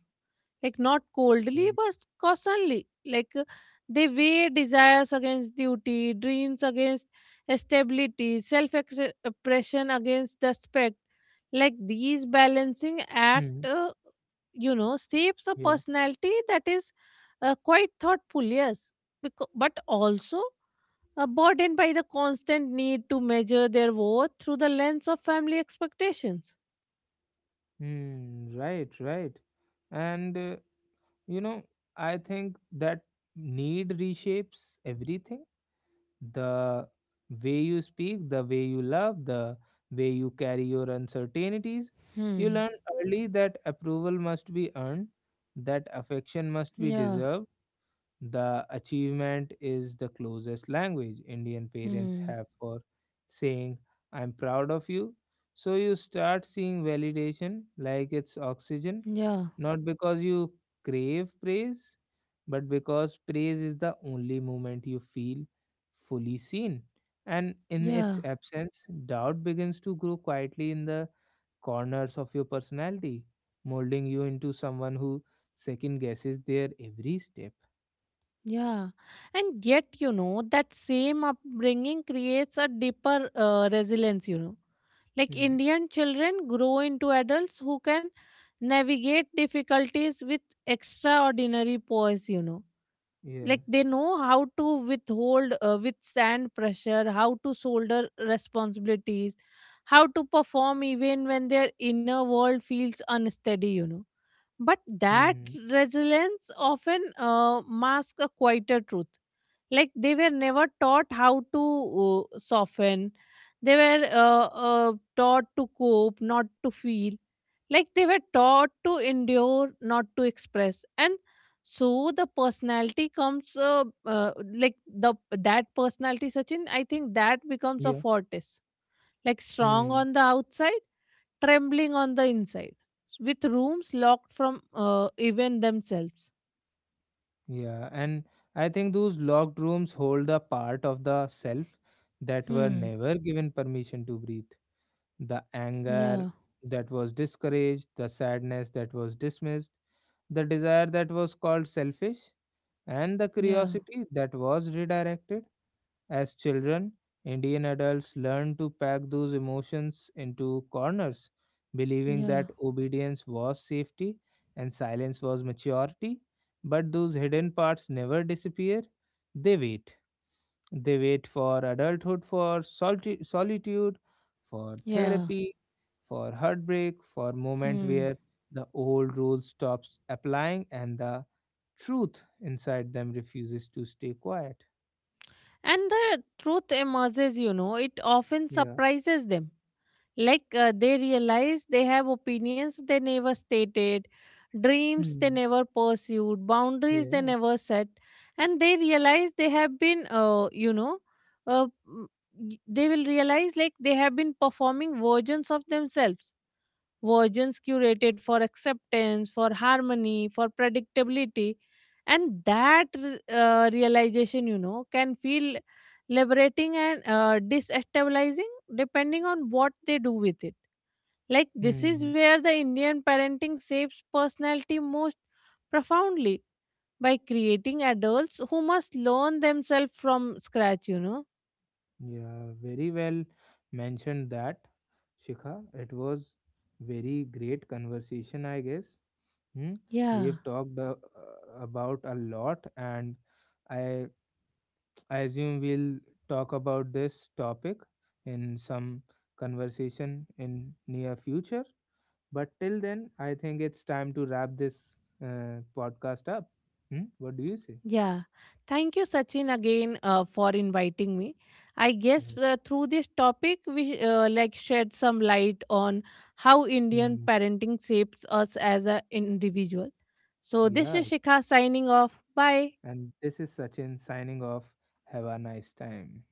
Speaker 2: like not coldly
Speaker 1: right.
Speaker 2: but cautiously. Like, uh, they weigh desires against duty, dreams against stability, self oppression against respect, like these balancing act,
Speaker 1: Mm,
Speaker 2: uh, you know, shapes a
Speaker 1: yeah.
Speaker 2: personality that is uh, quite thoughtful, yes. Becau- but also uh, burdened by the constant need to measure their worth through the lens of family expectations.
Speaker 1: Mm, right, right. And, uh, you know, I think that need reshapes everything: the way you speak, the way you love, the way you carry your uncertainties. You
Speaker 2: Hmm.
Speaker 1: learn early that approval must be earned, that affection must be
Speaker 2: Yeah.
Speaker 1: deserved, the achievement is the closest language Indian parents
Speaker 2: Hmm.
Speaker 1: have for saying, "I'm proud of you." So you start seeing validation like it's oxygen,
Speaker 2: Yeah.
Speaker 1: not because you crave praise, but because praise is the only moment you feel fully seen. And in
Speaker 2: Yeah.
Speaker 1: its absence, doubt begins to grow quietly in the corners of your personality, molding you into someone who second guesses their every step.
Speaker 2: Yeah, and yet, you know, that same upbringing creates a deeper uh, resilience, you know. Like
Speaker 1: Hmm.
Speaker 2: Indian children grow into adults who can navigate difficulties with extraordinary poise, you know,
Speaker 1: Yeah.
Speaker 2: like they know how to withhold uh, withstand pressure, how to shoulder responsibilities, how to perform even when their inner world feels unsteady, you know. But that
Speaker 1: Hmm.
Speaker 2: resilience often uh, masks a quieter truth, like they were never taught how to uh, soften. They were uh, uh, taught to cope, not to feel, like they were taught to endure, not to express. And so the personality comes, uh, uh, like the that personality, Sachin, I think that becomes a
Speaker 1: Yeah.
Speaker 2: fortress, like strong
Speaker 1: Hmm.
Speaker 2: on the outside, trembling on the inside, with rooms locked from uh, even themselves.
Speaker 1: Yeah. And I think those locked rooms hold a part of the self that were
Speaker 2: Hmm.
Speaker 1: never given permission to breathe. The anger
Speaker 2: Yeah.
Speaker 1: that was discouraged, the sadness that was dismissed, the desire that was called selfish, and the
Speaker 2: Yeah.
Speaker 1: curiosity that was redirected. As children, Indian adults learn to pack those emotions into corners, believing
Speaker 2: Yeah.
Speaker 1: that obedience was safety and silence was maturity. But those hidden parts never disappear. They wait. They wait for adulthood, for solti- solitude, for
Speaker 2: Yeah.
Speaker 1: therapy, for heartbreak, for moment
Speaker 2: Hmm.
Speaker 1: where the old rule stops applying and the truth inside them refuses to stay quiet.
Speaker 2: And the truth emerges. You know, it often
Speaker 1: Yeah.
Speaker 2: surprises them. Like, uh, they realize they have opinions they never stated, dreams they
Speaker 1: Hmm.
Speaker 2: never pursued, boundaries they
Speaker 1: Yeah.
Speaker 2: never set, and they realize they have been, uh, you know, uh, m- y- they will realize like they have been performing versions of themselves, versions curated for acceptance, for harmony, for predictability. And that uh, realization, you know, can feel liberating and uh, destabilizing depending on what they do with it. Like, this is
Speaker 1: Hmm.
Speaker 2: where the Indian parenting shapes personality most profoundly, by creating adults who must learn themselves from scratch, you know.
Speaker 1: Yeah, very well mentioned that, Shikha. It was very great conversation, I guess. Hmm. We
Speaker 2: Yeah.
Speaker 1: have talked uh, about a lot, and I I assume we'll talk about this topic in some conversation in near future. But till then, I think it's time to wrap this uh, podcast up. Hmm? What do you say?
Speaker 2: Yeah. Thank you, Sachin, again, uh, for inviting me. I guess
Speaker 1: Yeah.
Speaker 2: uh, through this topic, we, uh, like, shed some light on how Indian
Speaker 1: Hmm.
Speaker 2: parenting shapes us as an individual. So this
Speaker 1: Yeah,
Speaker 2: is Shikha signing off. Bye.
Speaker 1: and this is Sachin signing off. Have a nice time.